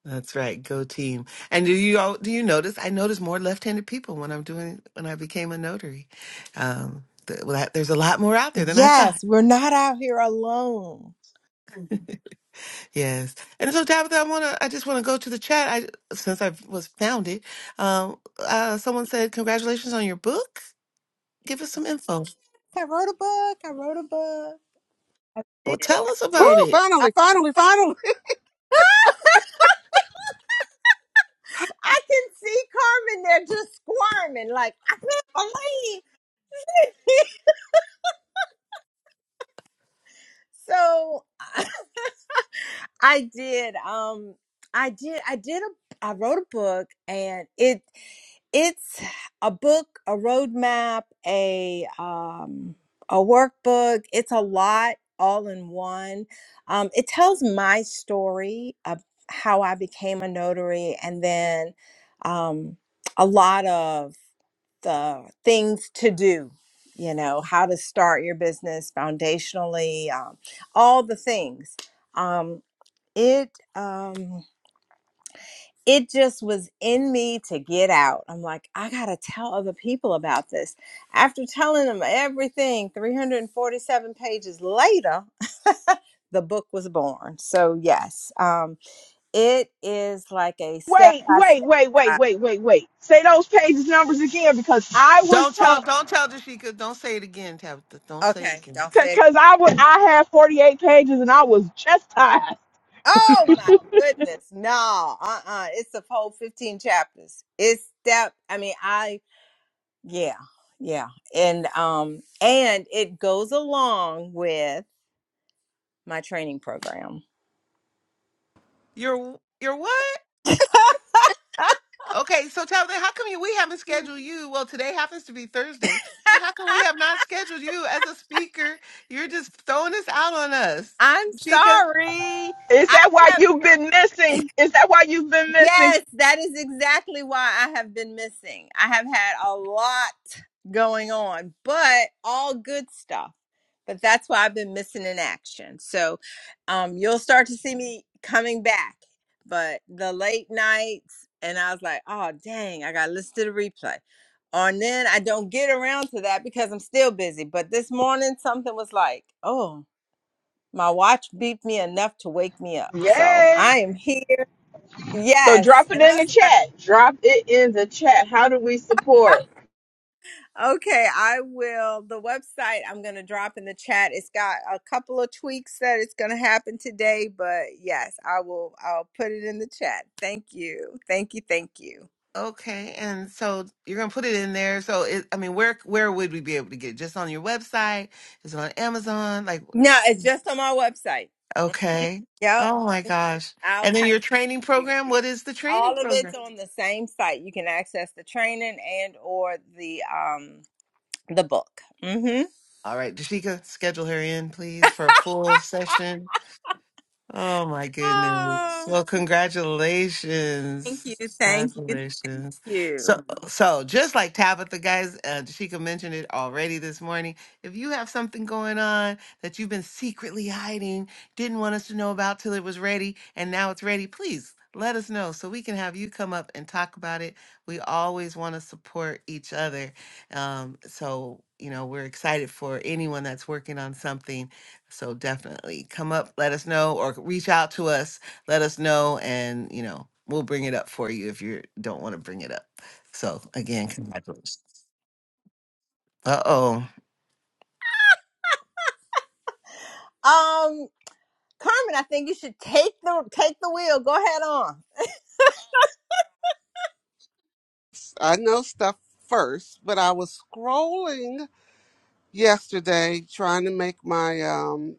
[SPEAKER 2] that's right. Go team. And do you all do you notice I notice more left-handed people when I'm doing when I became a notary. Um th- well, that- there's a lot more out there than I thought.
[SPEAKER 7] Yes, we're not out here alone.
[SPEAKER 2] Yes. And so, Tabitha, I want to, I just want to go to the chat. I, since I was founded, um, uh, someone said, congratulations on your book. Give us some info.
[SPEAKER 7] I wrote a book. I wrote a book. I
[SPEAKER 2] Well,
[SPEAKER 7] did.
[SPEAKER 2] tell
[SPEAKER 7] I
[SPEAKER 2] us
[SPEAKER 5] Woo,
[SPEAKER 2] about
[SPEAKER 7] did.
[SPEAKER 2] it.
[SPEAKER 7] I,
[SPEAKER 5] finally, finally, finally.
[SPEAKER 7] I can see Carmen there just squirming, like, I can't believe. so I did. Um, I did. I did a. I wrote a book, and it it's a book, a roadmap, a um, a workbook. It's a lot all in one. Um, it tells my story of how I became a notary, and then um, a lot of the things to do. You know how to start your business foundationally, um, all the things. Um it um it just was in me to get out i'm like i gotta tell other people about this after telling them everything 347 pages later the book was born so yes um it is like a
[SPEAKER 1] Wait, wait,
[SPEAKER 7] step-by-step
[SPEAKER 1] wait, wait, wait, wait, wait. Say those pages numbers again because I was
[SPEAKER 2] Don't tell,
[SPEAKER 1] taught
[SPEAKER 2] don't tell Jashika. Don't say it again, Tabitha. Don't say it
[SPEAKER 7] okay
[SPEAKER 2] again.
[SPEAKER 7] don't say it
[SPEAKER 1] because I was I had 48 pages and I was chastised.
[SPEAKER 7] oh my goodness no uh-uh it's a whole 15 chapters it's step i mean i Yeah, yeah. And um and it goes along with my training program.
[SPEAKER 2] You're, you're what? Okay. So, Tabitha, how come you, we haven't scheduled you? Well, today happens to be Thursday, but how come we have not scheduled you as a speaker? You're just throwing this out on us.
[SPEAKER 7] I'm
[SPEAKER 2] Jashika.
[SPEAKER 7] sorry.
[SPEAKER 1] Is
[SPEAKER 7] I
[SPEAKER 1] that why
[SPEAKER 7] have
[SPEAKER 1] you've been missing? Is that why you've been missing?
[SPEAKER 7] Yes, that is exactly why I have been missing. I have had a lot going on, but all good stuff. But that's why I've been missing in action. So um, you'll start to see me coming back. But the late nights, and I was like, oh, dang, I got to listen to the replay. And then I don't get around to that because I'm still busy. But this morning, something was like, oh, my watch beeped me enough to wake me up. So I
[SPEAKER 1] Yay.
[SPEAKER 7] am here.
[SPEAKER 1] So
[SPEAKER 7] Yes.
[SPEAKER 1] drop it
[SPEAKER 7] And I
[SPEAKER 1] in the
[SPEAKER 7] was
[SPEAKER 1] chat. Drop it in the chat. How do we support?
[SPEAKER 7] Okay, I will. The website I'm going to drop in the chat. It's got a couple of tweaks that it's going to happen today, but yes, I will. I'll put it in the chat. Thank you, thank you, thank you.
[SPEAKER 2] Okay, and so you're gonna put it in there. So it, I mean, where where would we be able to get it? Just on your website? Is it on Amazon? Like,
[SPEAKER 7] No, it's just on my website.
[SPEAKER 2] okay.
[SPEAKER 7] Yep,
[SPEAKER 2] Oh my gosh.
[SPEAKER 7] I'll
[SPEAKER 2] And then
[SPEAKER 7] type
[SPEAKER 2] your training
[SPEAKER 7] you. guys.
[SPEAKER 2] program, what is the training
[SPEAKER 7] All of it's
[SPEAKER 2] program?
[SPEAKER 7] on the same site. You can access the training and or the um the book. Mm-hmm.
[SPEAKER 2] All right, Dashika, schedule her in, please, for a full session. Oh my goodness.
[SPEAKER 7] Oh,
[SPEAKER 2] Well,
[SPEAKER 7] thank you,
[SPEAKER 2] congratulations.
[SPEAKER 7] thank you, thank
[SPEAKER 2] Congratulations. So
[SPEAKER 7] you.
[SPEAKER 2] so just like Tabitha guys, uh Sheikah mentioned it already this morning. If you have something going on that you've been secretly hiding, didn't want us to know about till it was ready, and now it's ready, please let us know so we can have you come up and talk about it. We always want to support each other. Um, so you know, we're excited for anyone that's working on something so definitely come up, let us know, or reach out to us, let us know, and you know, we'll bring it up for you if you don't want to bring it up. So again, congratulations. Uh oh.
[SPEAKER 7] Um, Carmen, I think you should take the take the wheel. Go ahead on.
[SPEAKER 5] I know stuff first, but I was scrolling yesterday trying to make my um,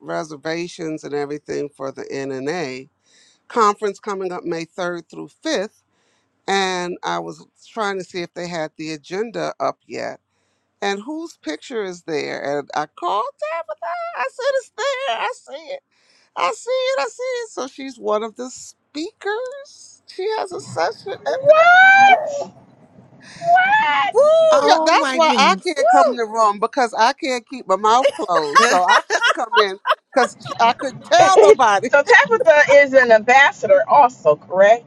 [SPEAKER 5] reservations and everything for the NNA conference coming up May 3rd through 5th and I was trying to see if they had the agenda up yet. And whose picture is there? And I called Tabitha. I said, It's there. I see it. I see it. I see it. So she's one of the speakers. She has a session at the.
[SPEAKER 1] What?
[SPEAKER 5] Woo!
[SPEAKER 1] What?
[SPEAKER 5] Yeah,
[SPEAKER 2] Oh
[SPEAKER 5] that's
[SPEAKER 2] my
[SPEAKER 5] why I
[SPEAKER 2] goodness.
[SPEAKER 5] can't come in
[SPEAKER 7] Woo!
[SPEAKER 5] the room because I can't keep my mouth closed. So I couldn't come in because I couldn't tell nobody.
[SPEAKER 1] so Tabitha is an ambassador also, correct?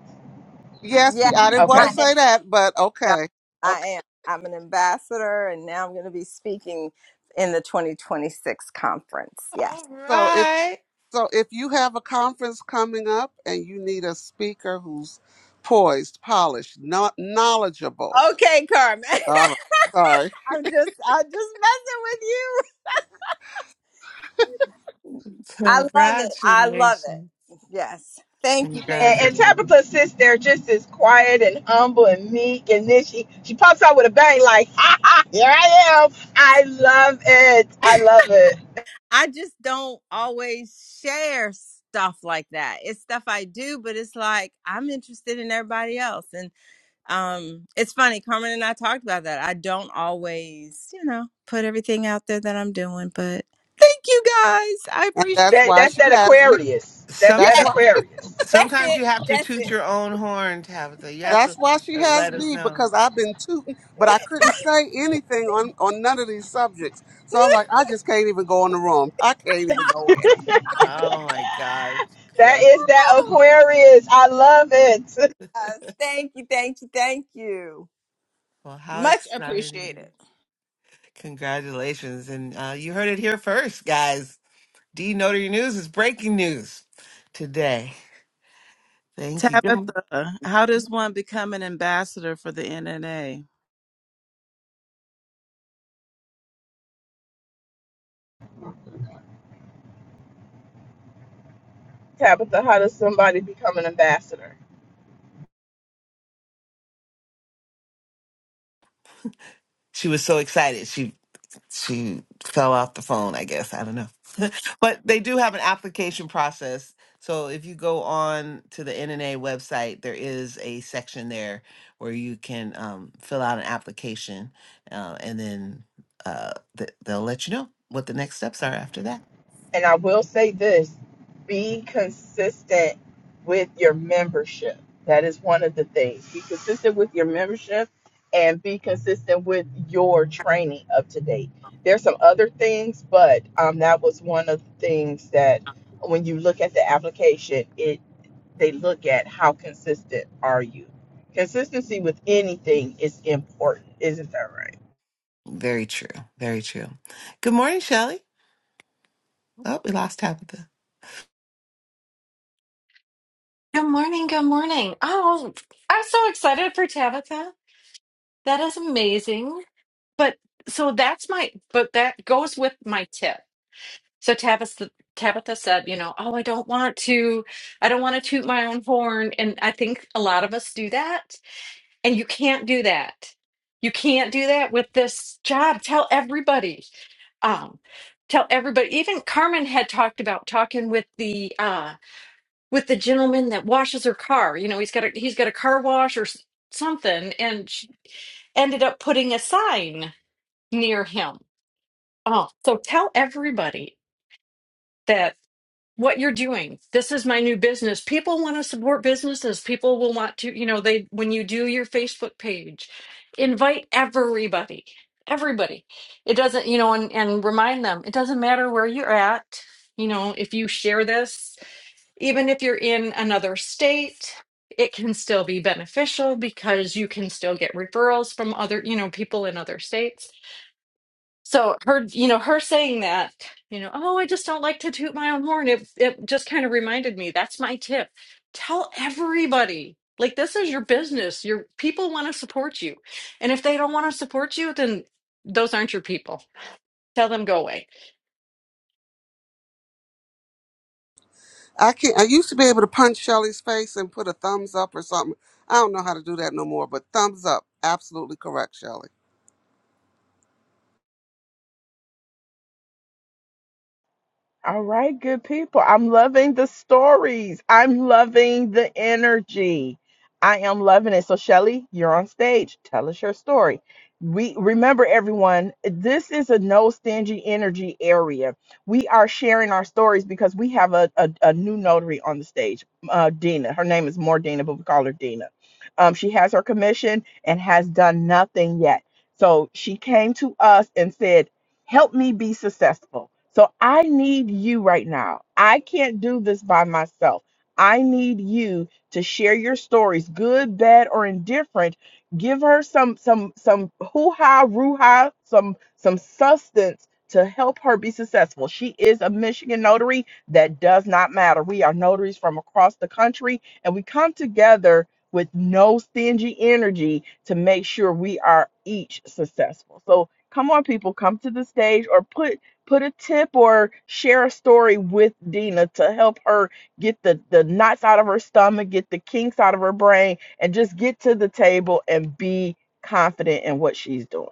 [SPEAKER 5] Yes,
[SPEAKER 7] Yeah,
[SPEAKER 5] she. I didn't want
[SPEAKER 1] Okay.
[SPEAKER 5] to
[SPEAKER 7] I am.
[SPEAKER 5] say that, but
[SPEAKER 7] y'all.
[SPEAKER 5] okay.
[SPEAKER 7] I
[SPEAKER 5] Okay.
[SPEAKER 7] am. I'm an ambassador, and now I'm going to be speaking in the 2026 conference. Yes.
[SPEAKER 2] All
[SPEAKER 5] So if
[SPEAKER 2] right.
[SPEAKER 5] So if you have a conference coming up and you need a speaker who's poised, polished, not knowledgeable.
[SPEAKER 7] Okay, Carmen.
[SPEAKER 5] All
[SPEAKER 7] I'm
[SPEAKER 5] right. Sorry.
[SPEAKER 7] just I'm just messing with you. I love it. I love
[SPEAKER 2] Congratulations.
[SPEAKER 7] it. Yes. Thank you. Thank
[SPEAKER 1] And,
[SPEAKER 7] you.
[SPEAKER 1] and
[SPEAKER 2] Congratulations.
[SPEAKER 1] Tabitha sits there just as quiet and humble and meek, and then she she pops out with a bang like, "Ha ha! Here I am! I love it! I love it!
[SPEAKER 7] I just don't always share stuff like that. It's stuff I do, but it's like I'm interested in everybody else. and. um it's funny carmen and i talked about that i don't always you know put everything out there that i'm doing but thank you guys i
[SPEAKER 5] And
[SPEAKER 7] appreciate
[SPEAKER 5] that's
[SPEAKER 1] That
[SPEAKER 7] it
[SPEAKER 5] why
[SPEAKER 1] that's
[SPEAKER 5] she
[SPEAKER 1] that
[SPEAKER 5] has me.
[SPEAKER 1] Aquarius. That's
[SPEAKER 2] Some,
[SPEAKER 7] Yeah,
[SPEAKER 1] that
[SPEAKER 5] That's
[SPEAKER 2] so-
[SPEAKER 5] why
[SPEAKER 1] Aquarius.
[SPEAKER 7] that's
[SPEAKER 2] sometimes
[SPEAKER 7] it.
[SPEAKER 2] you have to
[SPEAKER 7] That's
[SPEAKER 2] toot
[SPEAKER 7] it.
[SPEAKER 2] your own horn, Tabitha. You have
[SPEAKER 5] that's
[SPEAKER 2] to
[SPEAKER 5] why she
[SPEAKER 2] uh,
[SPEAKER 5] has
[SPEAKER 2] let us
[SPEAKER 5] me
[SPEAKER 2] know.
[SPEAKER 5] because I've been tooting, but I couldn't say anything on, on none of these subjects. So I'm like, I just can't even go in the room. I can't even go in.
[SPEAKER 2] Oh my gosh.
[SPEAKER 1] That
[SPEAKER 2] Well,
[SPEAKER 1] is that Aquarius. I love it."
[SPEAKER 7] Yes, thank you, thank you, thank you.
[SPEAKER 2] well, how
[SPEAKER 7] Much
[SPEAKER 2] exciting.
[SPEAKER 7] appreciated.
[SPEAKER 2] Congratulations. And uh, you heard it here first, guys. D Notary News is breaking news today. Thank you. Good-
[SPEAKER 4] Tabitha, how does one become an ambassador for the NNA?
[SPEAKER 1] Tabitha, how does somebody become an ambassador?
[SPEAKER 2] She was so excited. She she fell off the phone, I guess. I don't know. but they do have an application process. So if you go on to the NNA website, there is a section there where you can um, fill out an application uh, and then uh, th- they'll let you know what the next steps are after that.
[SPEAKER 1] And I will say this be consistent with your membership. That is one of the things. Be consistent with your membership and be consistent with your training up to date. There's some other things, but um, that was one of the things that when you look at the application, it they look at how consistent are you. Consistency with anything is important, isn't that right?
[SPEAKER 2] Very true. Very true. Good morning, Shelly. Oh, we lost Tabitha.
[SPEAKER 8] Good morning. Good morning. Oh, I'm so excited for Tabitha. That is amazing. But so that's my, but that goes with my tip. So Tabitha, Tabitha said, you know, oh, I don't want to, I don't want to toot my own horn. And I think a lot of us do that. And you can't do that. You can't do that with this job. Tell everybody um, tell everybody. Even Carmen had talked about talking with the uh, with the gentleman that washes her car. You know, he's got a he's got a car wash or s- something, and she ended up putting a sign near him. Oh, so tell everybody that what you're doing. This is my new business. People want to support businesses. People will want to, you know, they when you do your Facebook page, invite everybody. Everybody. It doesn't, you know, and, and remind them, it doesn't matter where you're at, you know, if you share this even if you're in another state, it can still be beneficial because you can still get referrals from other, you know, people in other states. So her, you know, her saying that, you know, oh, I just don't like to toot my own horn. It it just kind of reminded me, that's my tip. Tell everybody. Like this is your business. Your people want to support you. And if they don't want to support you, then those aren't your people. Tell them go away.
[SPEAKER 5] I can't. I used to be able to punch Shelly's face and put a thumbs up or something. I don't know how to do that no more. But thumbs up, absolutely correct, Shelly.
[SPEAKER 1] All right, good people. I'm loving the stories. I'm loving the energy. I am loving it. So, Shelly, you're on stage. Tell us your story. We remember everyone, this is a no stingy energy area. We are sharing our stories because we have a, a, a new notary on the stage, uh, Dina. Her name is more Dina, but we call her Dina. Um, she has her commission and has done nothing yet. So she came to us and said, help me be successful. So I need you right now. I can't do this by myself. I need you to share your stories, good, bad, or indifferent. Give her some some some hoo-ha, roo-ha, some some substance to help her be successful. She is a Michigan notary. That does not matter. We are notaries from across the country, and we come together with no stingy energy to make sure we are each successful. So Come on, people, come to the stage or put put a tip or share a story with Dina to help her get the, the knots out of her stomach, get the kinks out of her brain, and just get to the table and be confident in what she's doing.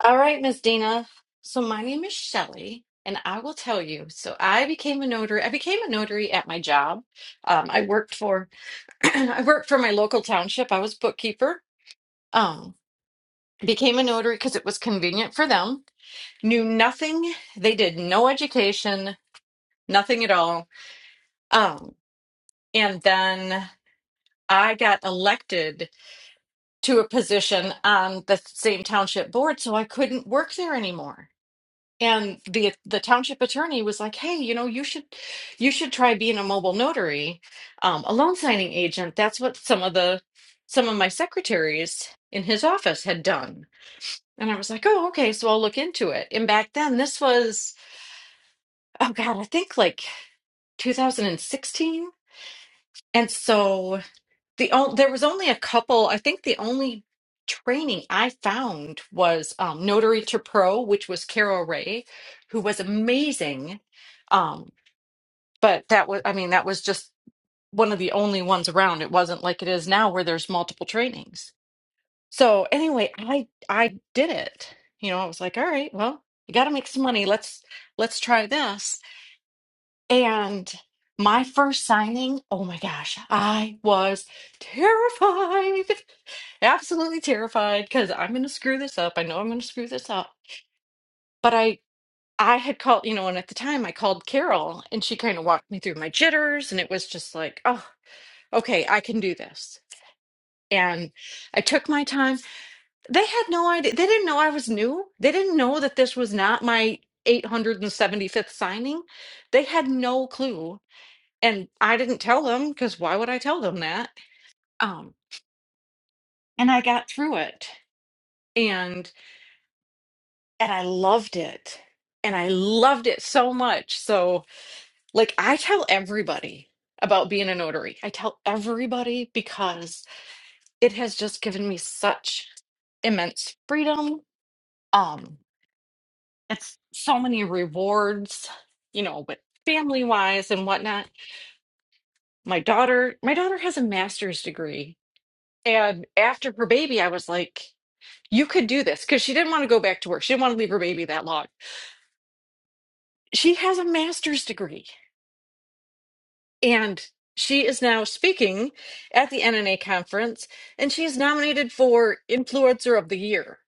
[SPEAKER 8] All right, Miss Dina. So my name is Shelley, and I will tell you. So I became a notary. I became a notary at my job. Um, I worked for I worked for my local township. I was bookkeeper. Um, became a notary because it was convenient for them. Knew nothing. They did no education, nothing at all. Um, and then I got elected to a position on the same township board, so I couldn't work there anymore. And the the township attorney was like, "Hey, you know, you should you should try being a mobile notary, um, a loan signing agent. That's what some of the some of my secretaries in his office had done." And I was like, "Oh, okay, so I'll look into it." And back then, this was oh God, I think like 2016. And so the on- there was only a couple. I think the only training I found was um, Notary to Pro, which was Carol Ray, who was amazing Um, but that was i mean that was just one of the only ones around it wasn't like it is now where there's multiple trainings so anyway i i did it you know i was like all right well you got to make some money let's let's try this and my first signing oh my gosh i was terrified absolutely terrified because i'm going to screw this up i know i'm going to screw this up but i i had called you know and at the time i called carol and she kind of walked me through my jitters and it was just like oh okay, I can do this. And I took my time. They had no idea. They didn't know I was new. They didn't know that this was not my 875th signing. They had no clue. And I didn't tell them because why would I tell them that? Um, and I got through it and and I loved it. And I loved it so much. So like I tell everybody about being a notary. I tell everybody because it has just given me such immense freedom. Um, it's so many rewards, you know, but family wise and whatnot. My daughter, my daughter has a master's degree. And after her baby, I was like, you could do this because she didn't want to go back to work. She didn't want to leave her baby that long. She has a master's degree and she is now speaking at the NNA conference and she's nominated for Influencer of the Year.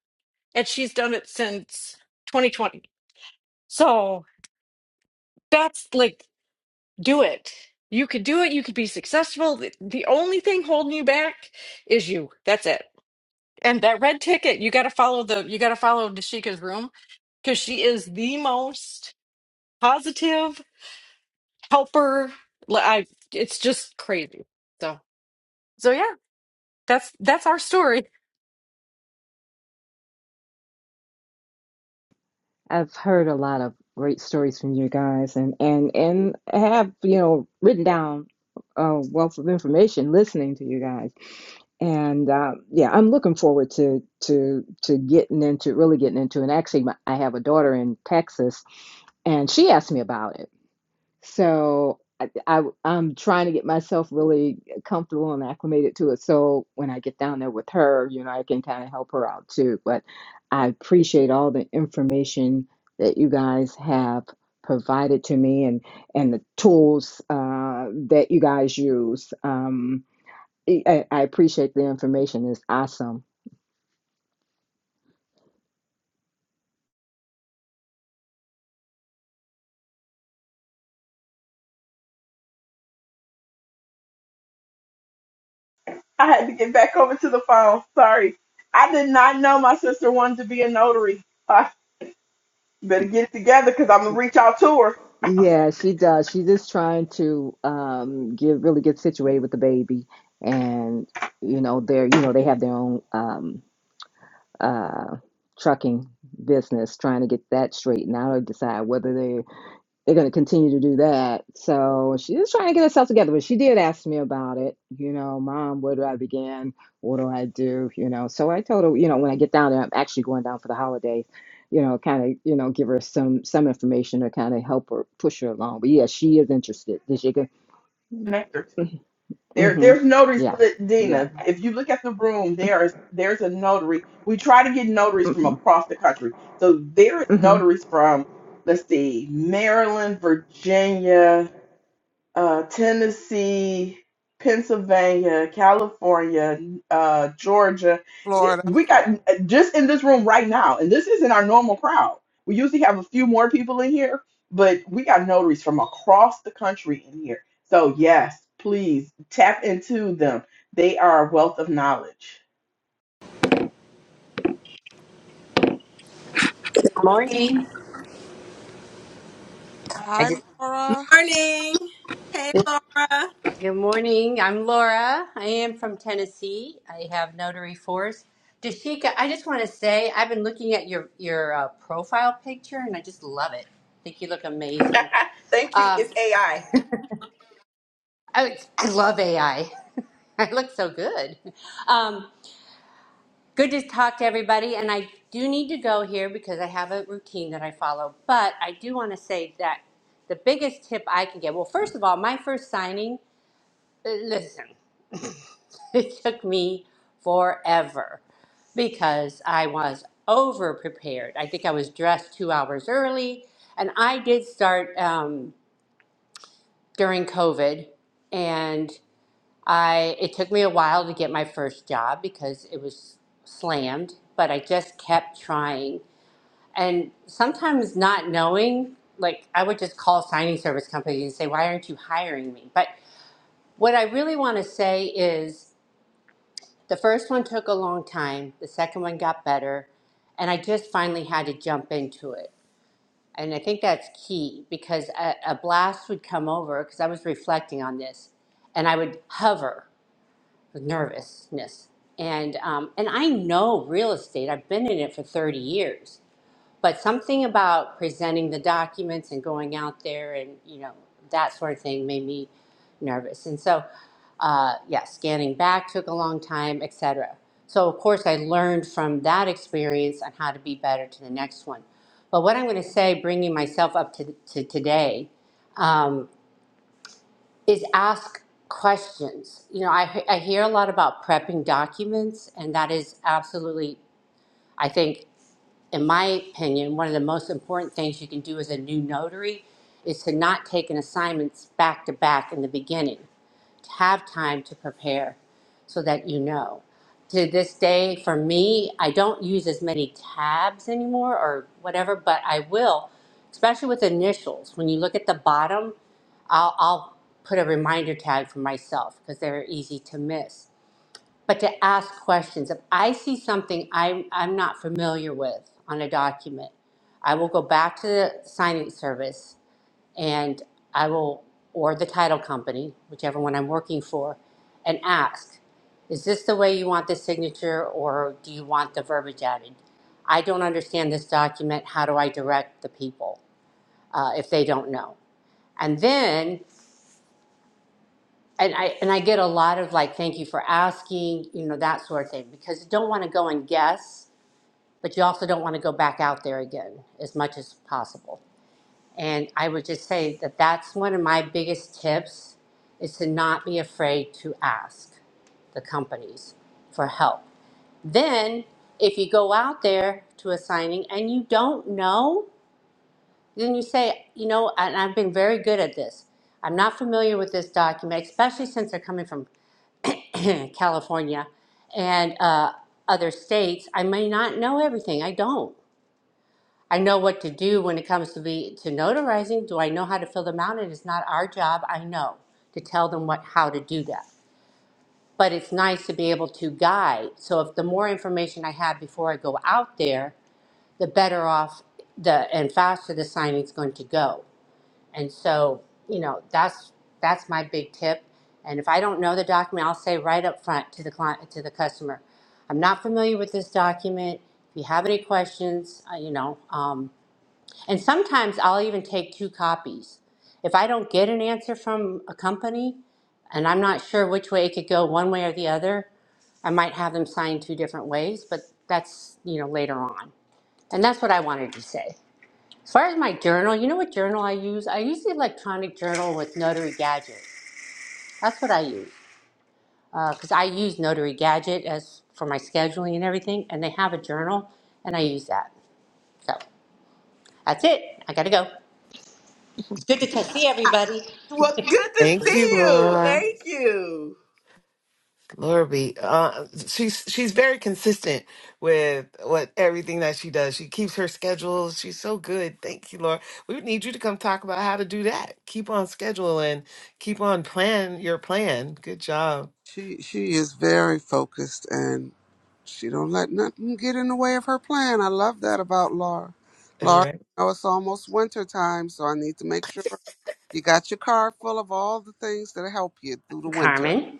[SPEAKER 8] And she's done it since 2020. So that's like do it. You could do it. You could be successful. The, the only thing holding you back is you. That's it. And that red ticket, you got to follow the, you got to follow Dashika's room because she is the most positive helper. Li- I, it's just crazy. So, so yeah, that's, that's our story.
[SPEAKER 3] I've heard a lot of great stories from you guys, and and and have you know written down a wealth of information listening to you guys. And uh, yeah, I'm looking forward to to to getting into really getting into. And actually, my, I have a daughter in Texas, and she asked me about it. So I, I I'm trying to get myself really comfortable and acclimated to it. So when I get down there with her, you know, I can kind of help her out too. But I appreciate all the information that you guys have provided to me and and the tools uh, that you guys use. Um, I, I appreciate the information. It's awesome.
[SPEAKER 1] I had to get back over to the phone. Sorry. I did not know my sister wanted to be a notary. I better get it together because I'm gonna reach out to her.
[SPEAKER 3] Yeah, she does. She's just trying to um get really get situated with the baby and you know they're you know they have their own um uh trucking business trying to get that straight and now decide whether they they're going to continue to do that. So she's just trying to get herself together. But she did ask me about it. You know, mom, where do I begin? What do I do? You know, so I told her, you know, when I get down there, I'm actually going down for the holidays. You know, kind of, you know, give her some some information to kind of help her push her along. But yeah, she is interested. Did she go?
[SPEAKER 1] Connectors. There,
[SPEAKER 3] Mm-hmm.
[SPEAKER 1] there's notaries,
[SPEAKER 3] Yeah. Yeah.
[SPEAKER 1] Dina. If you look at the room, there's there's a notary. We try to get notaries from
[SPEAKER 3] Mm-hmm.
[SPEAKER 1] across the country. So there's
[SPEAKER 3] Mm-hmm.
[SPEAKER 1] notaries from, let's see, Maryland, Virginia uh, Tennessee, Pennsylvania, California, uh, Georgia.
[SPEAKER 5] Florida.
[SPEAKER 1] We got just in this room right now, and this isn't our normal crowd. We usually have a few more people in here, but we got notaries from across the country in here. So, yes, please tap into them. They are a wealth of knowledge.
[SPEAKER 9] Good morning. I
[SPEAKER 5] Hi,
[SPEAKER 9] just
[SPEAKER 5] Laura.
[SPEAKER 7] Morning. Hey, Laura.
[SPEAKER 9] Good morning. I'm Laura. I am from Tennessee. I have notary force. Dashika, I just want to say I've been looking at your your uh, profile picture and I just love it. I think you look amazing.
[SPEAKER 1] Thank you.
[SPEAKER 9] Um,
[SPEAKER 1] It's AI.
[SPEAKER 9] I, I love AI. I I look so good. Um, good to talk to everybody. And I do need to go here because I have a routine that I follow. But I do want to say that the biggest tip I can get well, first of all, my first signing, uh, listen. It took me forever because I was over prepared. I think I was dressed two hours early, and I did start um, during COVID, and I it took me a while to get my first job because it was slammed, but I just kept trying, and sometimes not knowing. Like I would just call signing service companies and say, "Why aren't you hiring me?" But what I really want to say is The first one took a long time. The second one got better. And I just finally had to jump into it. And I think that's key because a, a blast would come over because I was reflecting on this and I would hover with nervousness. And, um, and I know real estate, I've been in it for 30 years but something about presenting the documents and going out there and you know that sort of thing made me nervous and so uh, yeah scanning back took a long time etc so of course i learned from that experience on how to be better to the next one but what i'm going to say bringing myself up to, to today um, is ask questions you know I, I hear a lot about prepping documents and that is absolutely i think in my opinion, one of the most important things you can do as a new notary is to not take an assignments back to back in the beginning. To have time to prepare so that you know. To this day, for me, I don't use as many tabs anymore or whatever, but I will, especially with initials. When you look at the bottom, I'll, I'll put a reminder tag for myself because they're easy to miss but to ask questions. If I see something I'm, I'm not familiar with on a document, I will go back to the signing service and I will, or the title company, whichever one I'm working for, and ask, is this the way you want the signature or do you want the verbiage added? I don't understand this document. How do I direct the people uh, if they don't know? And then and I and I get a lot of like, thank you for asking, you know, that sort of thing, because you don't want to go and guess, but you also don't want to go back out there again as much as possible. And I would just say that that's one of my biggest tips is to not be afraid to ask the companies for help. Then, if you go out there to a signing and you don't know, then you say, you know, and I've been very good at this. I'm not familiar with this document, especially since they're coming from California and uh, other states, I may not know everything. I don't. I know what to do when it comes to be to notarizing. Do I know how to fill them out? It is not our job. I know to tell them what how to do that. But it's nice to be able to guide. So if the more information I have before I go out there, the better off the and faster the signing's going to go. And so, you know, that's that's my big tip. And if I don't know the document, I'll say right up front to the client to the customer, I'm not familiar with this document. If you have any questions, uh, you know, um, and sometimes I'll even take two copies. If I don't get an answer from a company, and I'm not sure which way it could go, one way or the other, I might have them sign two different ways. But that's you know later on, and that's what I wanted to say. As far as my journal, you know what journal I use? I use the electronic journal with Notary Gadget. That's what I use. Because I use Notary Gadget as for my scheduling and everything, and they have a journal, and I use that. So that's it. I gotta go. It's good to see everybody.
[SPEAKER 1] Well, good to
[SPEAKER 2] Thank you,
[SPEAKER 1] see you.
[SPEAKER 2] Laura.
[SPEAKER 1] Thank you.
[SPEAKER 2] Laura B. Uh, she's she's very consistent with what everything that she does. She keeps her schedule. She's so good. Thank you, Laura. We need you to come talk about how to do that. Keep on schedule and keep on plan your plan. Good job.
[SPEAKER 5] She she is very focused and she don't let nothing get in the way of her plan. I love that about Laura.
[SPEAKER 2] All
[SPEAKER 5] Laura,
[SPEAKER 2] right.
[SPEAKER 5] you know it's almost winter time, so I need to make sure you got your car full of all the things that help you through the winter.
[SPEAKER 9] Carmen?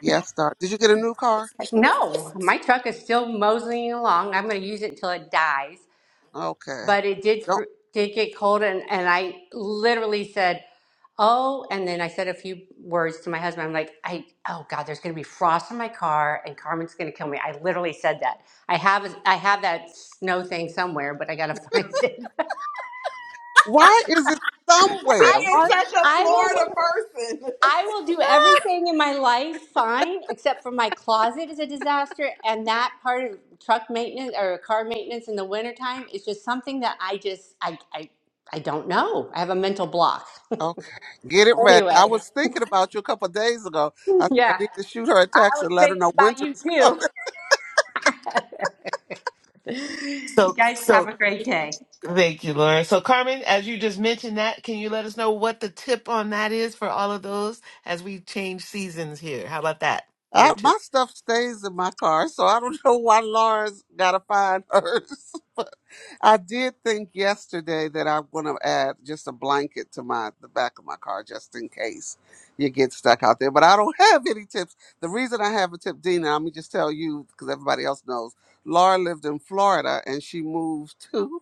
[SPEAKER 5] Yes, Doc. Did you get a new car?
[SPEAKER 9] No, my truck is still moseying along. I'm gonna use it until it dies.
[SPEAKER 5] Okay.
[SPEAKER 9] but it did
[SPEAKER 5] Don't.
[SPEAKER 9] fr- did get cold and and I literally said, "Oh," and then I said a few words to my husband. I'm like, "I oh God, there's going to be frost in my car and Carmen's going to kill me." I literally said that. I have I have that snow thing somewhere, but I got to find it.
[SPEAKER 5] Why is it
[SPEAKER 9] I
[SPEAKER 5] somewhere? Why?
[SPEAKER 9] I will. I will do everything in my life fine, except for my closet is a disaster. And that part of truck maintenance or car maintenance in the wintertime is just something that I just, I, I, I don't know. I have a mental block.
[SPEAKER 5] Okay, get it ready.
[SPEAKER 9] Anyway,
[SPEAKER 5] I was thinking about you a couple of days ago. I said I
[SPEAKER 9] yeah,
[SPEAKER 5] need to shoot her a
[SPEAKER 9] I
[SPEAKER 5] text
[SPEAKER 9] was
[SPEAKER 5] and let her
[SPEAKER 9] thinking
[SPEAKER 5] know
[SPEAKER 9] about
[SPEAKER 5] winter
[SPEAKER 9] you
[SPEAKER 5] is coming.
[SPEAKER 9] too. You
[SPEAKER 2] So
[SPEAKER 9] guys
[SPEAKER 2] so
[SPEAKER 9] have a great day.
[SPEAKER 2] Thank you, Lauren. So, Carmen, as you just mentioned that, can you let us know what the tip on that is for all of those as we change seasons here? How about that? Your
[SPEAKER 5] I,
[SPEAKER 2] tip.
[SPEAKER 5] my stuff stays in my car, so I don't know why Laura's got to find hers. but I did think yesterday that I'm going to add just a blanket to my the back of my car just in case you get stuck out there. But I don't have any tips. The reason I have a tip, Dina, let me just tell you because everybody else knows. Laura lived in Florida and she moved too.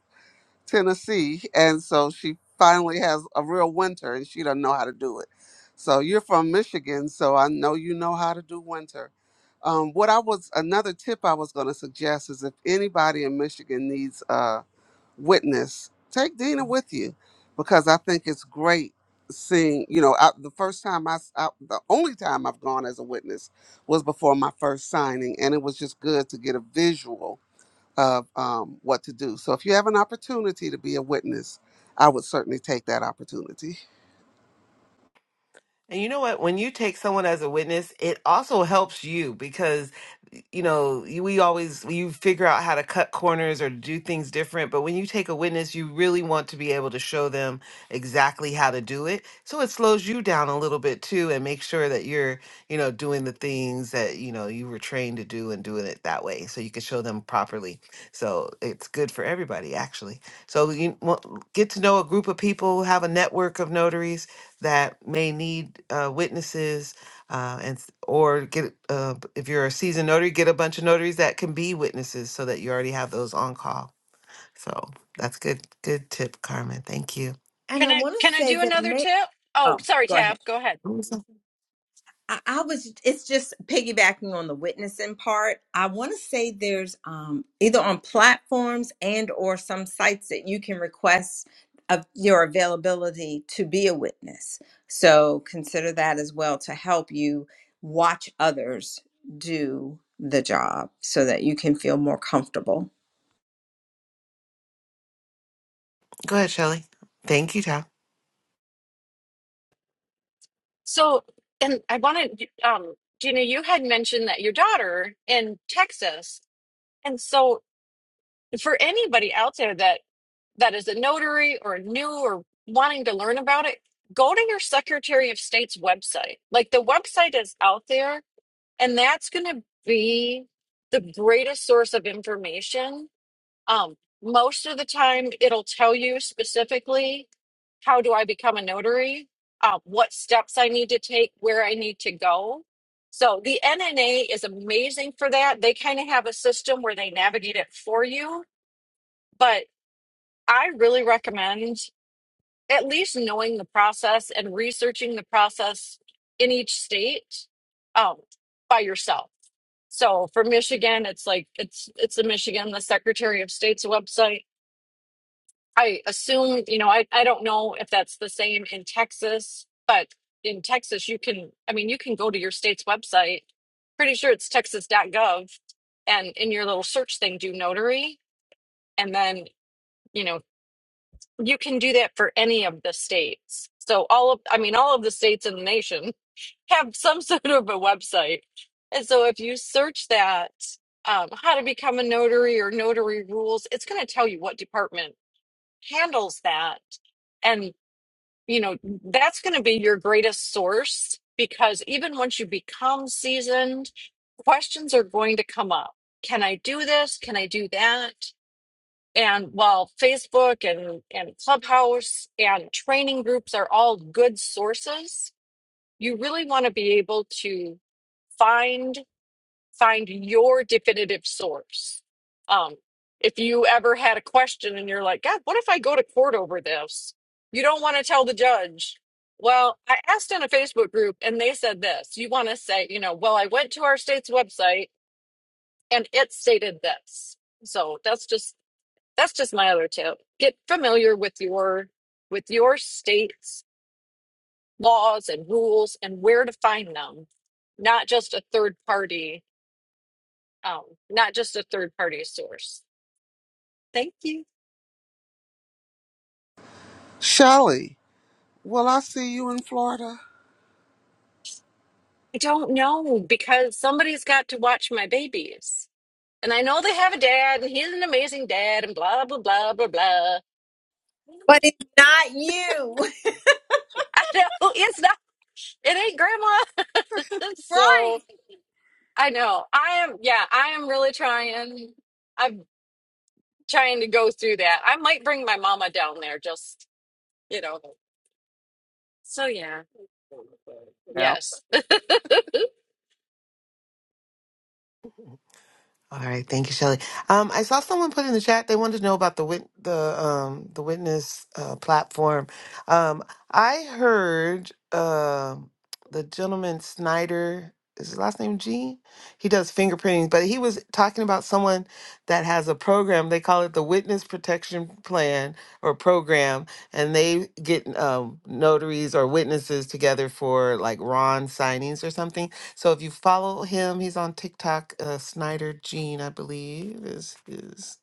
[SPEAKER 5] Tennessee, and so she finally has a real winter, and she doesn't know how to do it. So you're from Michigan, so I know you know how to do winter. Um, what I was another tip I was going to suggest is if anybody in Michigan needs a witness, take Dina with you, because I think it's great seeing. You know, I, the first time I, s- I- the only time I've gone as a witness was before my first signing, and it was just good to get a visual of um, what to do. So if you have an opportunity to be a witness, I would certainly take that opportunity.
[SPEAKER 2] And you know what? When you take someone as a witness, it also helps you because, you know, you- we always you figure out how to cut corners or do things different. But when you take a witness, you really want to be able to show them exactly how to do it. So it slows you down a little bit too, and make sure that you're, you know, doing the things that you know you were trained to do and doing it that way, so you can show them properly. So it's good for everybody, actually. So you want- get to know a group of people, have a network of notaries that may need uh, witnesses uh, and s- or get uh, if you're a seasoned notary, get a bunch of notaries that can be witnesses so that you already have those on call. So that's good. Good tip, Carmen. Thank you.
[SPEAKER 7] And I
[SPEAKER 8] Can I,
[SPEAKER 7] want to
[SPEAKER 8] can I
[SPEAKER 7] say
[SPEAKER 8] do
[SPEAKER 7] that
[SPEAKER 8] another
[SPEAKER 7] may.
[SPEAKER 8] tip? Oh,
[SPEAKER 7] Oh,
[SPEAKER 8] sorry,
[SPEAKER 7] go ahead.
[SPEAKER 8] Tab. Go ahead.
[SPEAKER 2] Awesome.
[SPEAKER 7] I, I was it's just piggybacking on the witnessing part. I want to say there's um either on platforms and or some sites that you can request of your availability to be a witness. So consider that as well to help you watch others do the job so that you can feel more comfortable.
[SPEAKER 2] Go ahead, Shelley. Thank you, Tom.
[SPEAKER 8] So, and I wanted, um, Gina, you had mentioned that your daughter in Texas. And so for anybody out there that that is a notary or new or wanting to learn about it go to your secretary of state's website like the website is out there and that's going to be the greatest source of information um most of the time it'll tell you specifically how do i become a notary uh, what steps i need to take where i need to go so the nna is amazing for that they kind of have a system where they navigate it for you but I really recommend at least knowing the process and researching the process in each state um, by yourself. So for Michigan, it's like it's it's the Michigan, the Secretary of State's website. I assume, you know, I, I don't know if that's the same in Texas, but in Texas you can I mean you can go to your state's website. Pretty sure it's texas.gov and in your little search thing do notary and then you know. you can do that for any of the states. So all of, I mean, all of the states in the nation have some sort of a website. And so if you search that, um, how to become a notary or notary rules, it's going to tell you what department handles that. And, you know, that's going to be your greatest source because even once you become seasoned, questions are going to come up. Can I do this? Can I do that? And while Facebook and, and Clubhouse and training groups are all good sources, you really want to be able to find find your definitive source. Um, if you ever had a question and you're like, God, what if I go to court over this? You don't want to tell the judge. Well, I asked in a Facebook group and they said this. You want to say, you know, well, I went to our state's website and it stated this. So that's just that's just my other tip get familiar with your with your state's laws and rules and where to find them not just a third party um not just a third party source thank you
[SPEAKER 5] Shelley, will I see you in Florida?
[SPEAKER 8] i don't know because somebody's got to watch my babies and i know they have a dad and he's an amazing dad and blah blah blah blah blah
[SPEAKER 7] But it's not you.
[SPEAKER 8] i know it's not it ain't grandma
[SPEAKER 7] Right.
[SPEAKER 8] so i know i am yeah i am really trying I'm. trying to go through that. I might bring my mama down there just, you know. So yeah. Yes.
[SPEAKER 2] All right, thank you, Shelley. Um, I saw someone put in the chat they wanted to know about the wit- the um the witness uh, platform. Um, I heard um the gentleman Snyder is his last name G. He does fingerprinting, but he was talking about someone that has a program. They call it the Witness Protection Plan or program, and they get um, notaries or witnesses together for like Ron signings or something so if you follow him, he's on TikTok. Uh, Snyder Gene, I believe, is is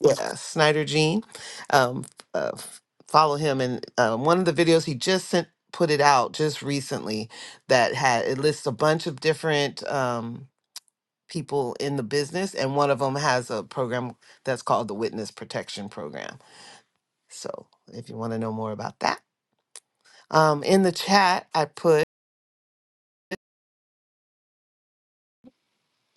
[SPEAKER 2] yeah Snyder Gene. Um, uh, f- follow him, and uh, one of the videos he just sent put it out just recently that had it lists a bunch of different um, people in the business, and one of them has a program that's called the Witness Protection Program. So if you want to know more about that, um, in the chat I put.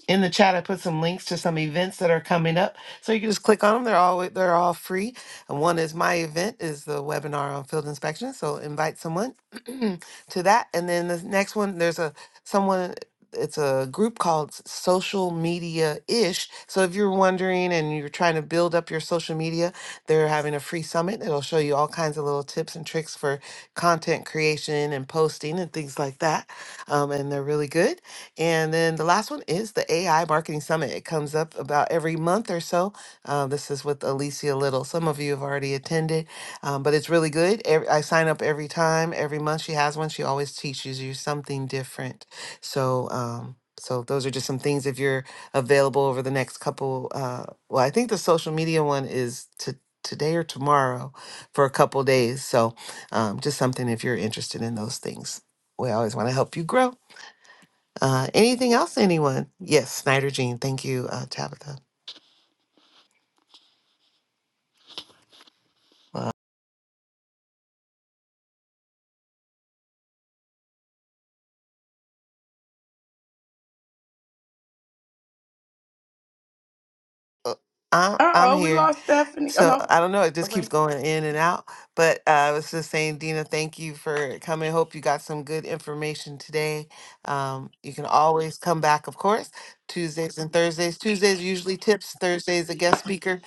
[SPEAKER 2] in the chat i put some links to some events that are coming up so you can just click on them they're all they're all free and one is my event is the webinar on field inspection so invite someone to that and then the next one there's a someone it's a group called S- social media ish so if you're wondering and you're trying to build up your social media they're having a free summit it'll show you all kinds of little tips and tricks for content creation and posting and things like that um, and they're really good and then the last one is the AI Marketing Summit. It comes up about every month or so. Uh, this is with Alicia Little. Some of you have already attended, um, but it's really good. Every, I sign up every time. Every month she has one. She always teaches you something different. So, um, so those are just some things if you're available over the next couple. Uh, well, I think the social media one is to today or tomorrow for a couple days. So, um, just something if you're interested in those things. We always want to help you grow. Uh, anything else, anyone? Yes, Snyder Jean. Thank you, uh, Tabitha. I'm,
[SPEAKER 1] Uh
[SPEAKER 2] I'm
[SPEAKER 1] oh, we
[SPEAKER 2] here.
[SPEAKER 1] lost Stephanie. Oh
[SPEAKER 2] So
[SPEAKER 1] no.
[SPEAKER 2] I don't know. It just keeps
[SPEAKER 1] Wait.
[SPEAKER 2] going in and out. But uh, I was just saying, Dina, thank you for coming. Hope you got some good information today. Um, you can always come back, of course, Tuesdays and Thursdays. Tuesdays usually tips, Thursdays, a guest speaker.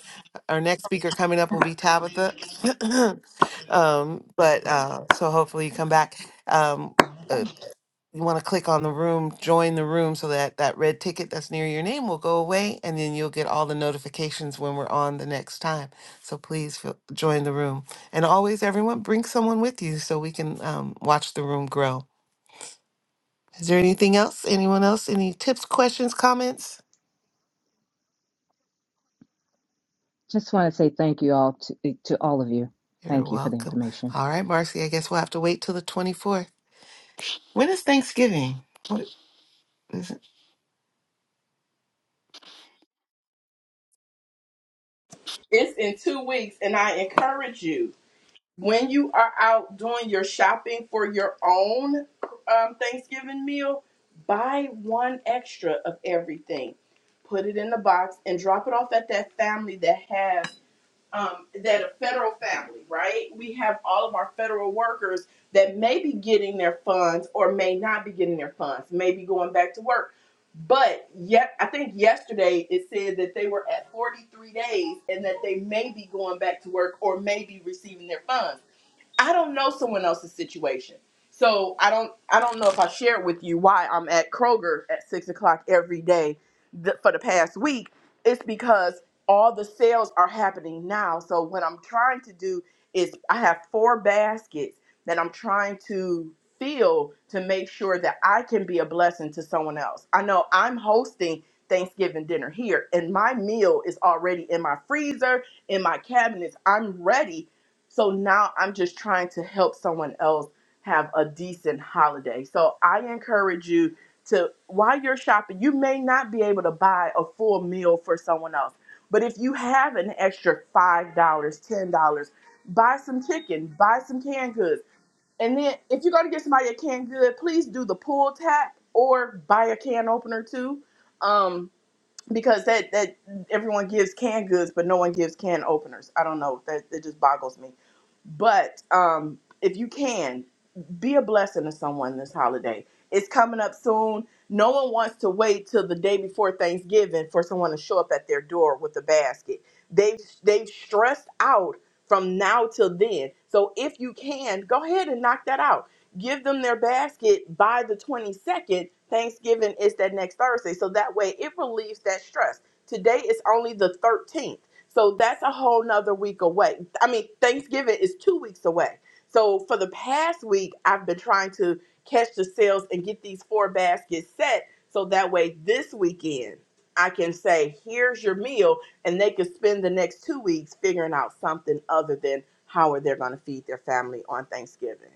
[SPEAKER 2] Our next speaker coming up will be Tabitha. um, but uh, so hopefully you come back. Um, uh, you want to click on the room, join the room so that that red ticket that's near your name will go away and then you'll get all the notifications when we're on the next time. So please feel, join the room. And always, everyone, bring someone with you so we can um, watch the room grow. Is there anything else? Anyone else? Any tips, questions, comments?
[SPEAKER 3] Just want to say thank you all to, to all of you.
[SPEAKER 2] You're
[SPEAKER 3] Thank you for the
[SPEAKER 2] welcome.
[SPEAKER 3] information.
[SPEAKER 2] All right, Marcy, I guess we'll have to wait till the 24th. When is Thanksgiving? What is it?
[SPEAKER 1] It's in two weeks, and I encourage you when you are out doing your shopping for your own um, Thanksgiving meal, buy one extra of everything, put it in the box, and drop it off at that family that has um, that a federal family, right? We have all of our federal workers that may be getting their funds or may not be getting their funds, may be going back to work. But yet, I think yesterday it said that they were at 43 days and that they may be going back to work or may be receiving their funds I don't know someone else's situation. So I don't I don't know if I shared with you why I'm at Kroger at six o'clock every day th- for the past week. It's because all the sales are happening now. So what I'm trying to do is I have four baskets that I'm trying to fill to make sure that I can be a blessing to someone else. I know I'm hosting Thanksgiving dinner here and my meal is already in my freezer, in my cabinets. I'm ready so now I'm just trying to help someone else have a decent holiday. So I encourage you to, while you're shopping, you may not be able to buy a full meal for someone else. But if you have an extra $5, dollars, $10, buy some chicken, buy some canned goods. And then if you're going to get somebody a canned good, please do the pull tap or buy a can opener too. Um, because that, that everyone gives canned goods, but no one gives can openers. I don't know. That, that just boggles me but um, if you can, be a blessing to someone this holiday. It's coming up soon. No one wants to wait till the day before Thanksgiving for someone to show up at their door with a basket. They've they've stressed out from now till then. So if you can, go ahead and knock that out. Give them their basket by the 22nd. Thanksgiving is that next Thursday. So that way it relieves that stress. Today is only the 13th. So that's a whole nother week away. I mean, Thanksgiving is two weeks away. So for the past week, I've been trying to catch the sales and get these four baskets set so that way this weekend I can say, here's your meal, and they could spend the next two weeks figuring out something other than how are they going to feed their family on Thanksgiving.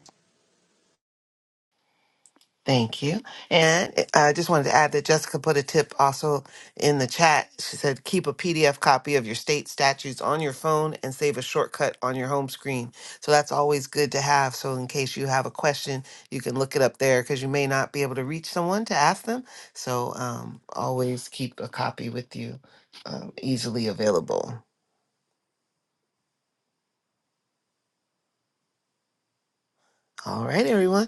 [SPEAKER 2] Thank you. And I just wanted to add that Jessica put a tip also in the chat. She said, keep a PDF copy of your state statutes on your phone and save a shortcut on your home screen. So that's always good to have. So in case you have a question, you can look it up there because you may not be able to reach someone to ask them. So um, always keep a copy with you um, easily available. All right, everyone.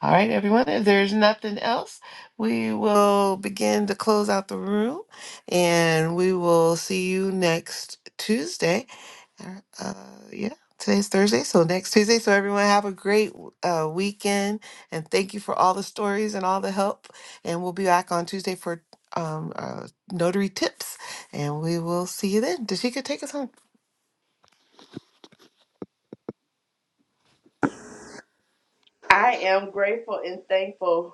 [SPEAKER 2] All right, everyone. If there's nothing else, we will begin to close out the room and we will see you next Tuesday. Uh, uh, yeah, today's Thursday. So next Tuesday. So everyone have a great uh, weekend and thank you for all the stories and all the help. And we'll be back on Tuesday for um, uh, notary tips and we will see you then. Dashika, take us home.
[SPEAKER 1] I am grateful and thankful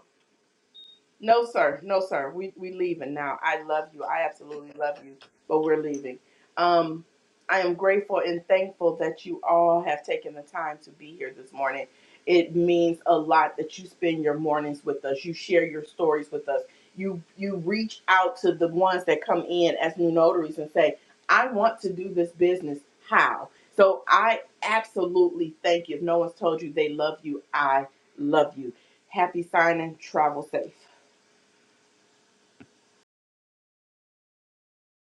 [SPEAKER 1] No, sir. No, sir. We we leaving now. I love you. I absolutely love you, but we're leaving. Um, I am grateful and thankful that you all have taken the time to be here this morning. It means a lot that you spend your mornings with us. You share your stories with us. You you reach out to the ones that come in as new notaries and say, "I want to do this business. How?" So I absolutely thank you. If no one's told you they love you, I love you. Happy signing. Travel safe.